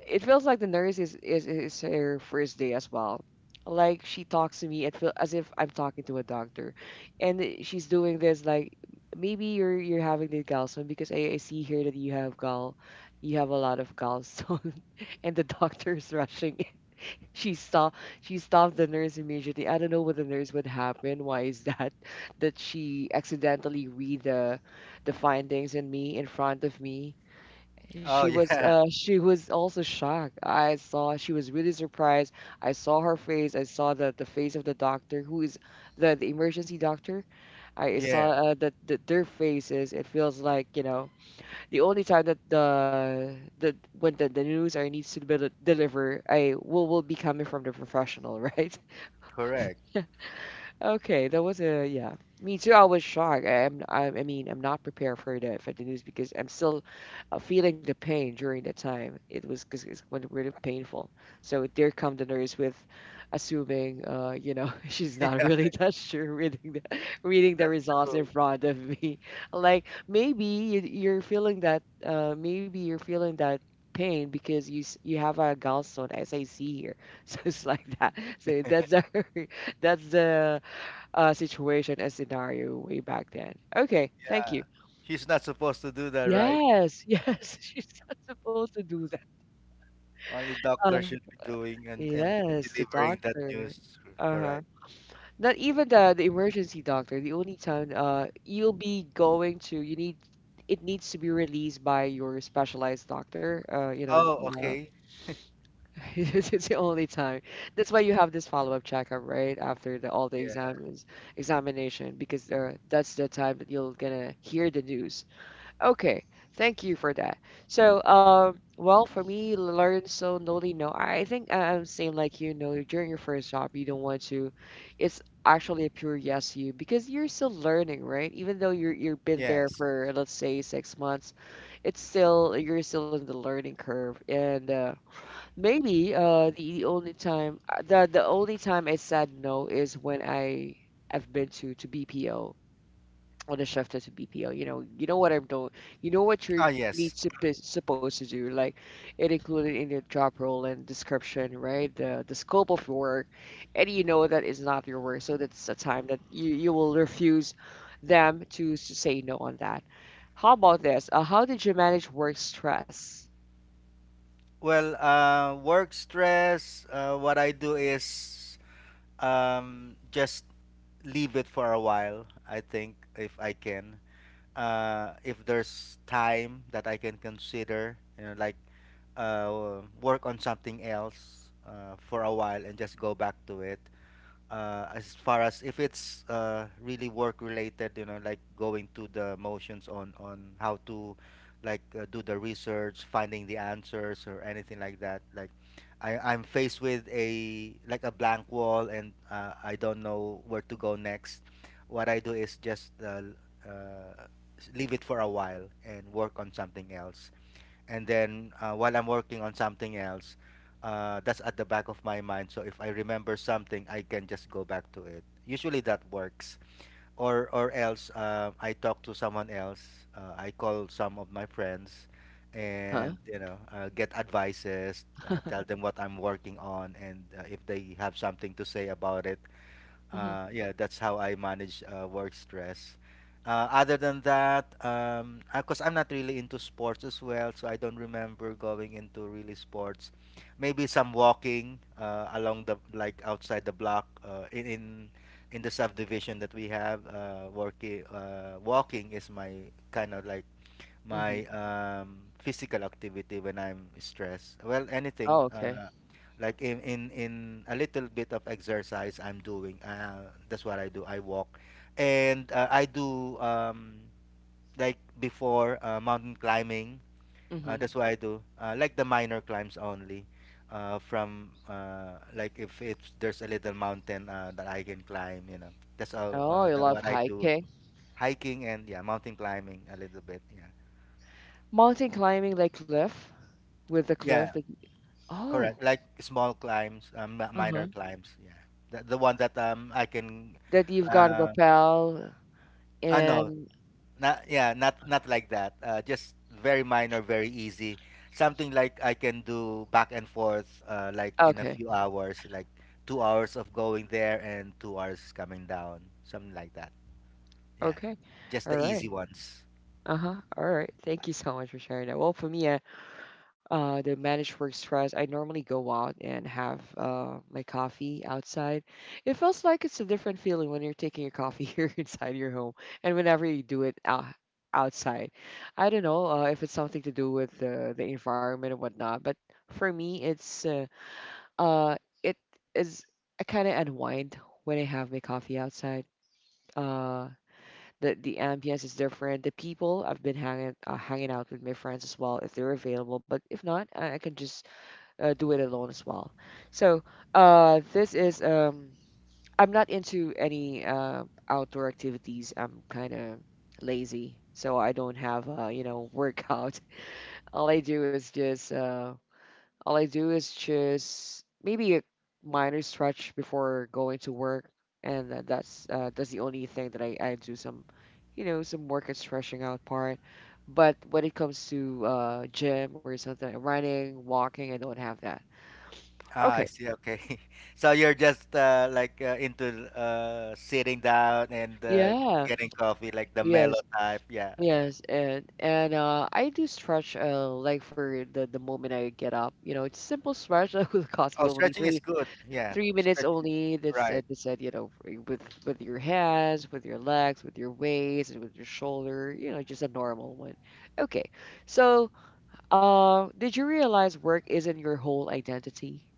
Speaker 1: it feels like the nurse is, is her first day as well. Like she talks to me, it feels as if I'm talking to a doctor, and she's doing this like maybe you're having the gallstone because I see here that you have gall, you have a lot of gallstone, and the doctor is rushing. She saw she stopped the nurse immediately. I don't know what the nurse would happen. Why is that? That she accidentally read the findings in me in front of me.
Speaker 2: Oh
Speaker 1: She was
Speaker 2: yeah,
Speaker 1: she was also shocked. I saw she was really surprised. I saw her face. I saw the face of the doctor who is the emergency doctor. I saw
Speaker 2: yeah,
Speaker 1: that their faces. It feels like, you know, the only time that the news are needs to be deliver, I will be coming from the professional, right?
Speaker 2: correct.
Speaker 1: Okay, that was a yeah. Me too. I was shocked. I am. I mean, I'm not prepared for that for the news because I'm still feeling the pain during the time. It was because it's when really painful. So there come the nurse with, assuming, you know, she's not
Speaker 2: Yeah,
Speaker 1: really that sure reading the reading the
Speaker 2: that's
Speaker 1: results in
Speaker 2: true.
Speaker 1: front of me. Like maybe you're feeling that. Maybe you're feeling that pain because you have a gallstone as I see here. So it's like that. So that's the that's the situation and scenario way back then. Okay, thank you.
Speaker 2: Yeah, she's not supposed to do that, right?
Speaker 1: Yes, yes, she's not supposed to do that.
Speaker 2: Only
Speaker 1: Uh,
Speaker 2: doctor should be doing, and
Speaker 1: yes, the
Speaker 2: delivering that
Speaker 1: doctor.
Speaker 2: news.
Speaker 1: Uh-huh.
Speaker 2: Correct.
Speaker 1: Not even the emergency doctor. The only time you'll be going to, you need it needs to be released by your specialized doctor. You know,
Speaker 2: Oh, okay.
Speaker 1: it's the only time. That's why you have this follow-up checkup, right? After the all the
Speaker 2: Yeah.
Speaker 1: examines examination, because that's the time that you're gonna hear the news. Okay, thank you for that. So, well, for me, learn so slowly. No, I think I'm same like you. No, during your first job, you don't want to. It's actually a pure yes you because you're still learning, right? Even though you've been there
Speaker 2: Yes.
Speaker 1: for let's say 6 months, it's still you're still in the learning curve. And maybe the only time I said no is when I've been to BPO on a shift as a BPO. You know what I'm doing. You know what your
Speaker 2: Ah, yes.
Speaker 1: supposed to do. Like it included in your job role and description, right? The scope of work, and you know that is not your work. So that's a time that you will refuse them to, s say no on that. How about this? How did you manage work stress?
Speaker 2: Well, work stress. What I do is, just leave it for a while. I think if I can, if there's time that I can consider, you know, like, work on something else, for a while, and just go back to it. As far as if it's really work related, you know, like going to the motions on how to, like, do the research, finding the answers or anything like that, like I'm faced with a like a blank wall and I don't know where to go next. What I do is just uh, leave it for a while and work on something else. And then while I'm working on something else, that's at the back of my mind. So if I remember something, I can just go back to it. Usually that works. Or else I talk to someone else. I call some of my friends,
Speaker 1: Uh huh.
Speaker 2: and you know, get advices. Tell them what I'm working on, and if they have something to say about it,
Speaker 1: Mhm.
Speaker 2: yeah, that's how I manage work stress. Other than that, because I'm not really into sports as well, so I don't remember going into really sports. Maybe some walking along the like outside the block in in the subdivision that we have. Working Walking is my kind of like my
Speaker 1: Mhm.
Speaker 2: physical activity when I'm stressed. Well, anything
Speaker 1: Oh, okay.
Speaker 2: like in a little bit of exercise I'm doing. That's what I do. I walk, and I do like before mountain climbing.
Speaker 1: Mhm.
Speaker 2: That's what I do. Like the minor climbs only. From Like if it's there's a little mountain that I can climb, you know. That's all.
Speaker 1: Oh, you
Speaker 2: That
Speaker 1: love
Speaker 2: what I do.
Speaker 1: hiking,
Speaker 2: Hiking and, yeah, mountain climbing a little bit. Yeah.
Speaker 1: mountain climbing, like cliff with the cliff.
Speaker 2: Yeah,
Speaker 1: That, oh.
Speaker 2: correct. Like small climbs, minor
Speaker 1: Uh-huh.
Speaker 2: climbs. Yeah. The one that I can
Speaker 1: That you've got
Speaker 2: uh
Speaker 1: rappel
Speaker 2: no,
Speaker 1: and
Speaker 2: not, yeah, not not like that. Just very minor, very easy. Something like I can do back and forth like in a
Speaker 1: okay,
Speaker 2: few hours, like two hours of going there and two hours coming down. Something like that. Yeah.
Speaker 1: okay,
Speaker 2: Just
Speaker 1: all
Speaker 2: the
Speaker 1: right,
Speaker 2: easy ones.
Speaker 1: uh-huh, all right. Thank you so much for sharing that. Well, for me, the managed work stress, I normally go out and have my coffee outside. It feels like it's a different feeling when you're taking your coffee here inside your home, and whenever you do it outside. I don't know if it's something to do with the environment and whatnot, but for me, Uh, it is I kind of unwind when I have my coffee outside. Uh, the ambience is different. The people I've been hanging out with my friends as well if they're available. But if not, I can just do it alone as well. So this is I'm not into any outdoor activities. I'm kind of lazy, so I don't have you know workout. All I do is just all I do is just maybe a minor stretch before going to work, and that's the only thing that I do some, you know, some work and stretching out part. But when it comes to gym or something, like running, walking, I don't have that.
Speaker 2: Ah, I
Speaker 1: Okay.
Speaker 2: see. Okay. So you're just into sitting down and
Speaker 1: Yeah.
Speaker 2: getting coffee, like the mellow
Speaker 1: Yes.
Speaker 2: type. Yeah, yeah.
Speaker 1: Yes. And I do stretch like for the moment I get up. You know, it's simple stretch that will cost
Speaker 2: Oh,
Speaker 1: you only
Speaker 2: stretching is good. Yeah,
Speaker 1: three minutes
Speaker 2: stretching is
Speaker 1: only.
Speaker 2: right.
Speaker 1: That's said, you know, with your hands, with your legs, with your waist, and with your shoulder. You know, just a normal one. Okay. So, did you realize work isn't your whole identity?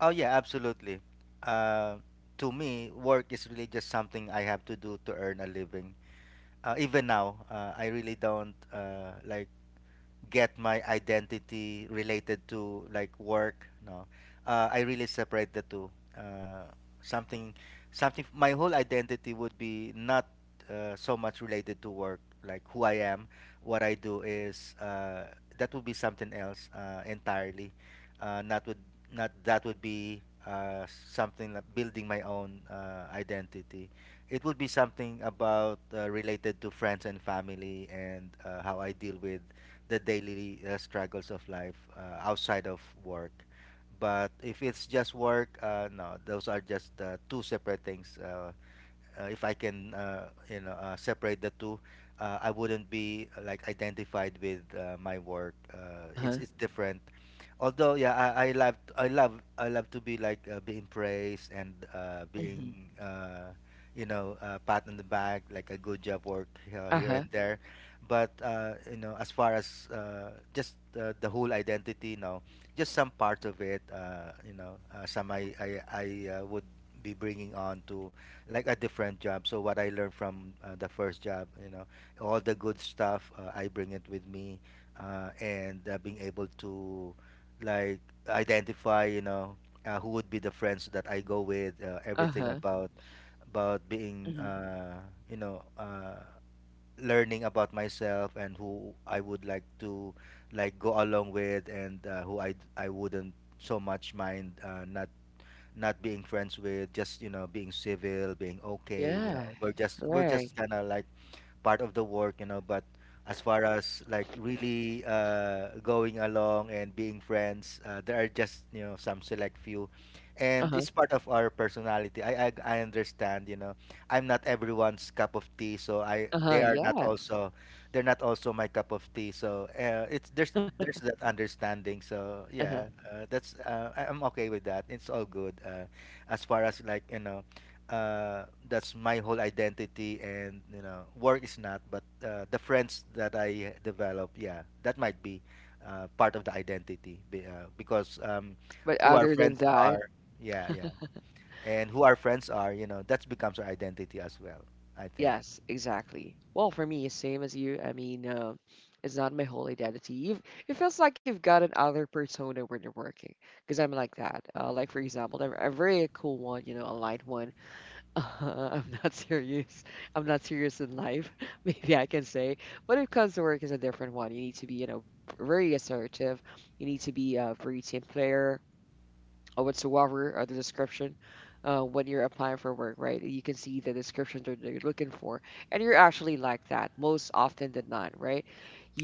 Speaker 2: Oh, yeah, absolutely. Uh, to me, work is really just something I have to do to earn a living. Even now, I really don't like get my identity related to like work. No, I really separate the two. uh, something Something my whole identity would be not so much related to work. Like who I am, what I do is that would be something else entirely. Not would not That would be something like building my own identity. It would be something about related to friends and family and how I deal with the daily struggles of life outside of work. But if it's just work, no, those are just two separate things. If I can, you know, separate the two, I wouldn't be like identified with my work. Uh,
Speaker 1: Uh
Speaker 2: it's
Speaker 1: huh.
Speaker 2: it's different. Although, yeah, I love to be like being praised and
Speaker 1: Mm-hmm.
Speaker 2: being you know, pat on the back, like a good job work
Speaker 1: Uh
Speaker 2: here
Speaker 1: huh.
Speaker 2: and there. But you know, as far as just the whole identity, no, just some part of it, you know, some I would be bringing on to like a different job. So what I learned from the first job, you know, all the good stuff, I bring it with me, and being able to like identify, you know, who would be the friends that I go with,
Speaker 1: Uh
Speaker 2: everything
Speaker 1: huh.
Speaker 2: about being,
Speaker 1: Mm-hmm.
Speaker 2: you know, learning about myself and who I would like to like go along with and who I wouldn't so much mind not being friends with, just, you know, being civil, being okay. You know,
Speaker 1: Yeah.
Speaker 2: we're just we're
Speaker 1: Right.
Speaker 2: just kind of like part of the work, you know. But as far as like really going along and being friends, there are just, you know, some select few,
Speaker 1: Uh
Speaker 2: and
Speaker 1: huh.
Speaker 2: it's part of our personality. I understand, you know. I'm not everyone's cup of tea, so I
Speaker 1: Uh huh.
Speaker 2: they are not
Speaker 1: Yes.
Speaker 2: also, they're not also my cup of tea. So it's there's that understanding. So
Speaker 1: Uh huh.
Speaker 2: yeah, I'm okay with that. It's all good. As far as like, you know, that's my whole identity and, you know, work is not, but the friends that I develop, yeah, that might be part of the identity because
Speaker 1: But
Speaker 2: who our
Speaker 1: other than
Speaker 2: friends
Speaker 1: that,
Speaker 2: are, yeah, yeah, and who our friends are, you know, that becomes our identity as well, I think.
Speaker 1: yes, exactly. Well, for me, same as you. I mean, it's not my whole identity. You've, it feels like you've got another persona when you're working, because I'm like that. Like for example, I'm a very cool one, you know, a light one. I'm not serious. I'm not serious in life. Maybe I can say, but it comes to work is a different one. You need to be, you know, very assertive. You need to be a very team player or whatsoever or the description when you're applying for work, right? You can see the description that you're looking for, and you're actually like that most often than not, right?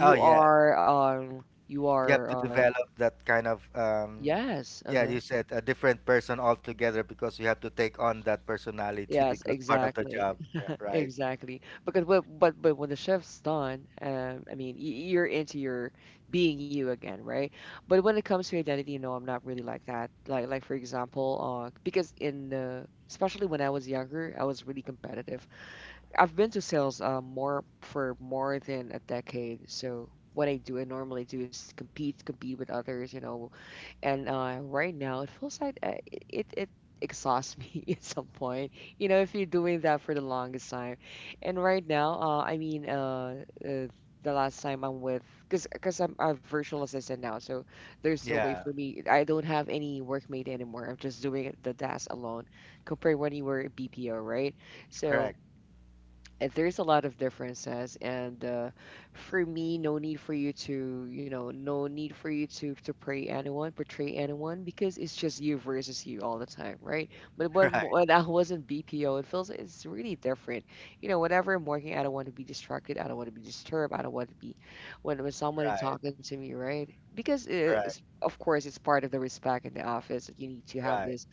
Speaker 2: Oh, yeah,
Speaker 1: are, um, you
Speaker 2: you
Speaker 1: are,
Speaker 2: have to
Speaker 1: uh,
Speaker 2: develop that kind of
Speaker 1: yes,
Speaker 2: yeah,
Speaker 1: uh-huh,
Speaker 2: you said a different person altogether because you have to take on that personality
Speaker 1: yes,
Speaker 2: because part of the
Speaker 1: exactly,
Speaker 2: job, yeah, right.
Speaker 1: exactly. Because but when the shift's done, I mean, you're into your being you again, right? But when it comes to identity, you know, I'm not really like that. Like for example, because in the especially when I was younger, I was really competitive. I've been to sales more for more than a decade. So what I do and normally do is compete, compete with others, you know. And right now, it feels like it exhausts me at some point. You know, if you're doing that for the longest time, and right now, the last time I'm with, because I'm a virtual assistant now, so there's no way
Speaker 2: Yeah,
Speaker 1: for me. I don't have any workmate anymore. I'm just doing the task alone, compared when you were a BPO, right? So
Speaker 2: correct.
Speaker 1: there's a lot of differences and for me no need for you to you know no need for you to pray anyone portray anyone because it's just you versus you all the time, right? But
Speaker 2: Right.
Speaker 1: when I was in BPO it feels it's really different. You know whenever I'm working I don't want to be distracted, I don't want to be disturbed, I don't want to be when someone is
Speaker 2: Right,
Speaker 1: talking to me, right? Because it's,
Speaker 2: right,
Speaker 1: of course it's part of the respect in the office that you need to have
Speaker 2: right.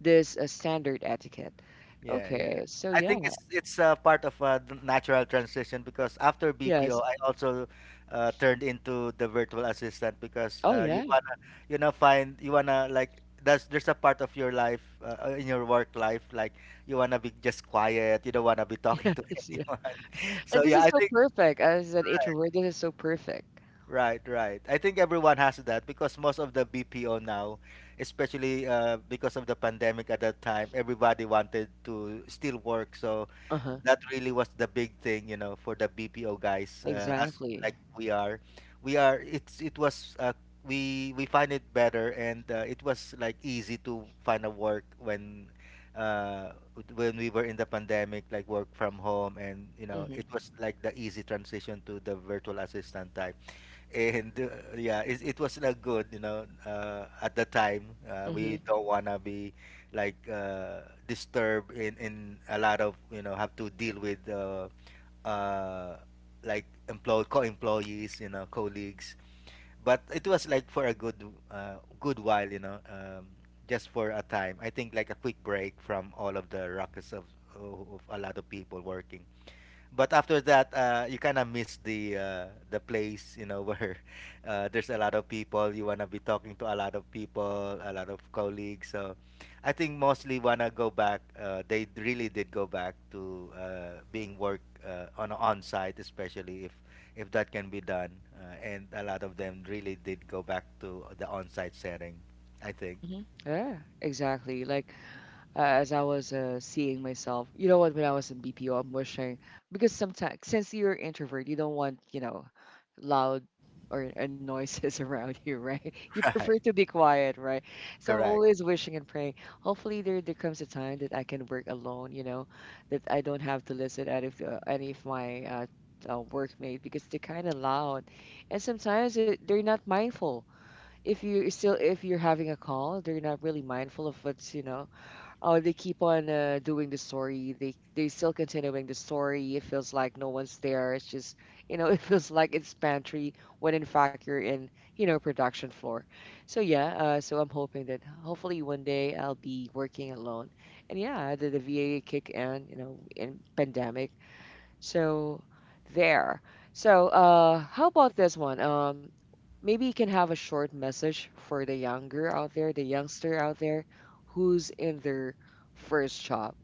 Speaker 1: this standard etiquette.
Speaker 2: Yeah, yeah.
Speaker 1: Okay, so
Speaker 2: I
Speaker 1: yeah,
Speaker 2: think it's part of a natural transition because after BPO,
Speaker 1: yes.
Speaker 2: I also turned into the virtual assistant because
Speaker 1: Oh, yeah,
Speaker 2: you wanna, you know, find, you wanna like that's there's a part of your life in your work life, like you wanna be just quiet, you don't wanna be talking to
Speaker 1: yes, yeah.
Speaker 2: anyone. So
Speaker 1: And this
Speaker 2: yeah,
Speaker 1: is
Speaker 2: I
Speaker 1: so
Speaker 2: think.
Speaker 1: perfect. As an introvert, this is so perfect.
Speaker 2: Right, right. I think everyone has that because most of the BPO now, especially because of the pandemic at that time, everybody wanted to still work. So
Speaker 1: Uh-huh.
Speaker 2: that really was the big thing, you know, for the BPO guys. As
Speaker 1: Exactly.
Speaker 2: like we are, we are. It's it was we find it better and it was like easy to find a work uh when we were in the pandemic, like work from home, and, you know,
Speaker 1: Mm-hmm.
Speaker 2: it was like the easy transition to the virtual assistant type. And yeah, it was not good, you know, at the time
Speaker 1: Mm-hmm.
Speaker 2: we don't wanna be like disturbed in a lot of, you know, have to deal with uh, like employ co-employees, you know, colleagues. But it was like for a good good while, you know, just for a time, I think, like a quick break from all of the ruckus of a lot of people working. But after that you kind of miss the place, you know, where there's a lot of people, you want to be talking to a lot of people, a lot of colleagues. So I think mostly want to go back, really did go back to being work on site, especially if that can be done, and a lot of them really did go back to the on site setting, I think.
Speaker 1: Mm-hmm. Yeah, exactly. Like as I was seeing myself. You know what? When I was in BPO, I'm wishing because sometimes since you're introvert, you don't want you know loud or noises around you, right? You
Speaker 2: Right.
Speaker 1: prefer to be quiet, right? So I'm
Speaker 2: Correct.
Speaker 1: always wishing and praying. Hopefully, there comes a time that I can work alone. You know, that I don't have to listen out of any of my workmate because they're kind of loud, and sometimes it, they're not mindful. If you're still if you're having a call, they're not really mindful of what's you know. Oh, they keep on doing the story. They still continuing the story. It feels like no one's there. It's just, you know, it feels like it's pantry when in fact you're in, you know, production floor. So yeah, so I'm hoping that hopefully one day I'll be working alone. And yeah, the VA kick in, you know, in pandemic. So there. So how about this one? Maybe you can have a short message for the younger out there, the youngster out there who's in their first job.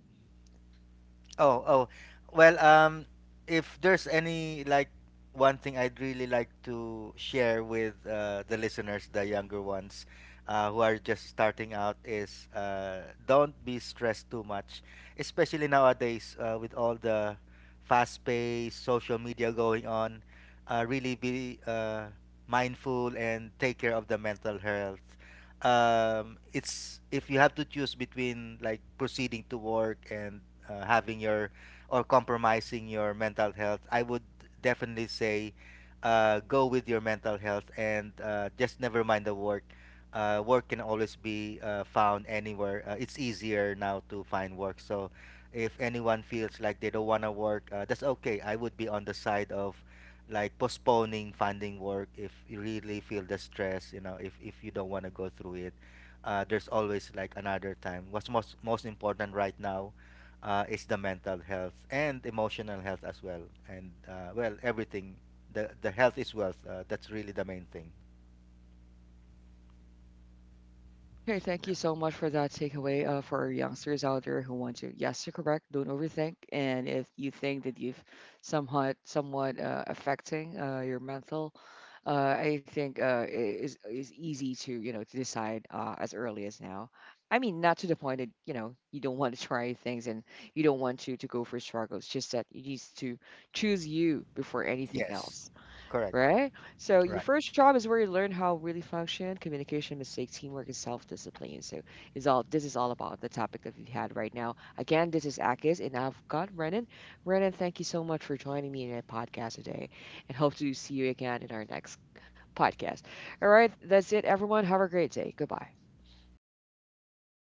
Speaker 2: Oh, oh. Well, if there's any like one thing I'd really like to share with the listeners, the younger ones who are just starting out, is don't be stressed too much, especially nowadays with all the fast-paced social media going on. Really be mindful and take care of the mental health. It's if you have to choose between like proceeding to work and having your or compromising your mental health, I would definitely say go with your mental health and just never mind the work. Work can always be found anywhere. It's easier now to find work. So if anyone feels like they don't want to work, that's okay. I would be on the side of like postponing finding work if you really feel the stress, you know, if you don't want to go through it. There's always like another time. What's most important right now, is the mental health and emotional health as well. And well, everything, the health is wealth, that's really the main thing.
Speaker 1: Okay, thank you so much for that takeaway for our youngsters out there who want to. Yes, you're correct. Don't overthink. And if you think that you've somewhat affecting your mental, uh, I think it is easy to you know to decide as early as now. I mean, not to the point that you know you don't want to try things and you don't want to go for struggles. Just that you need to choose you before anything
Speaker 2: Yes,
Speaker 1: else.
Speaker 2: correct.
Speaker 1: Right? So your
Speaker 2: Right.
Speaker 1: first job is where you learn how really function, communication, mistakes, teamwork, and self-discipline. So is all this is all about the topic that we've had right now. Again, this is Akis and I've got Renan. Renan, thank you so much for joining me in a podcast today and hope to see you again in our next podcast. All right, that's it, everyone. Have a great day. Goodbye.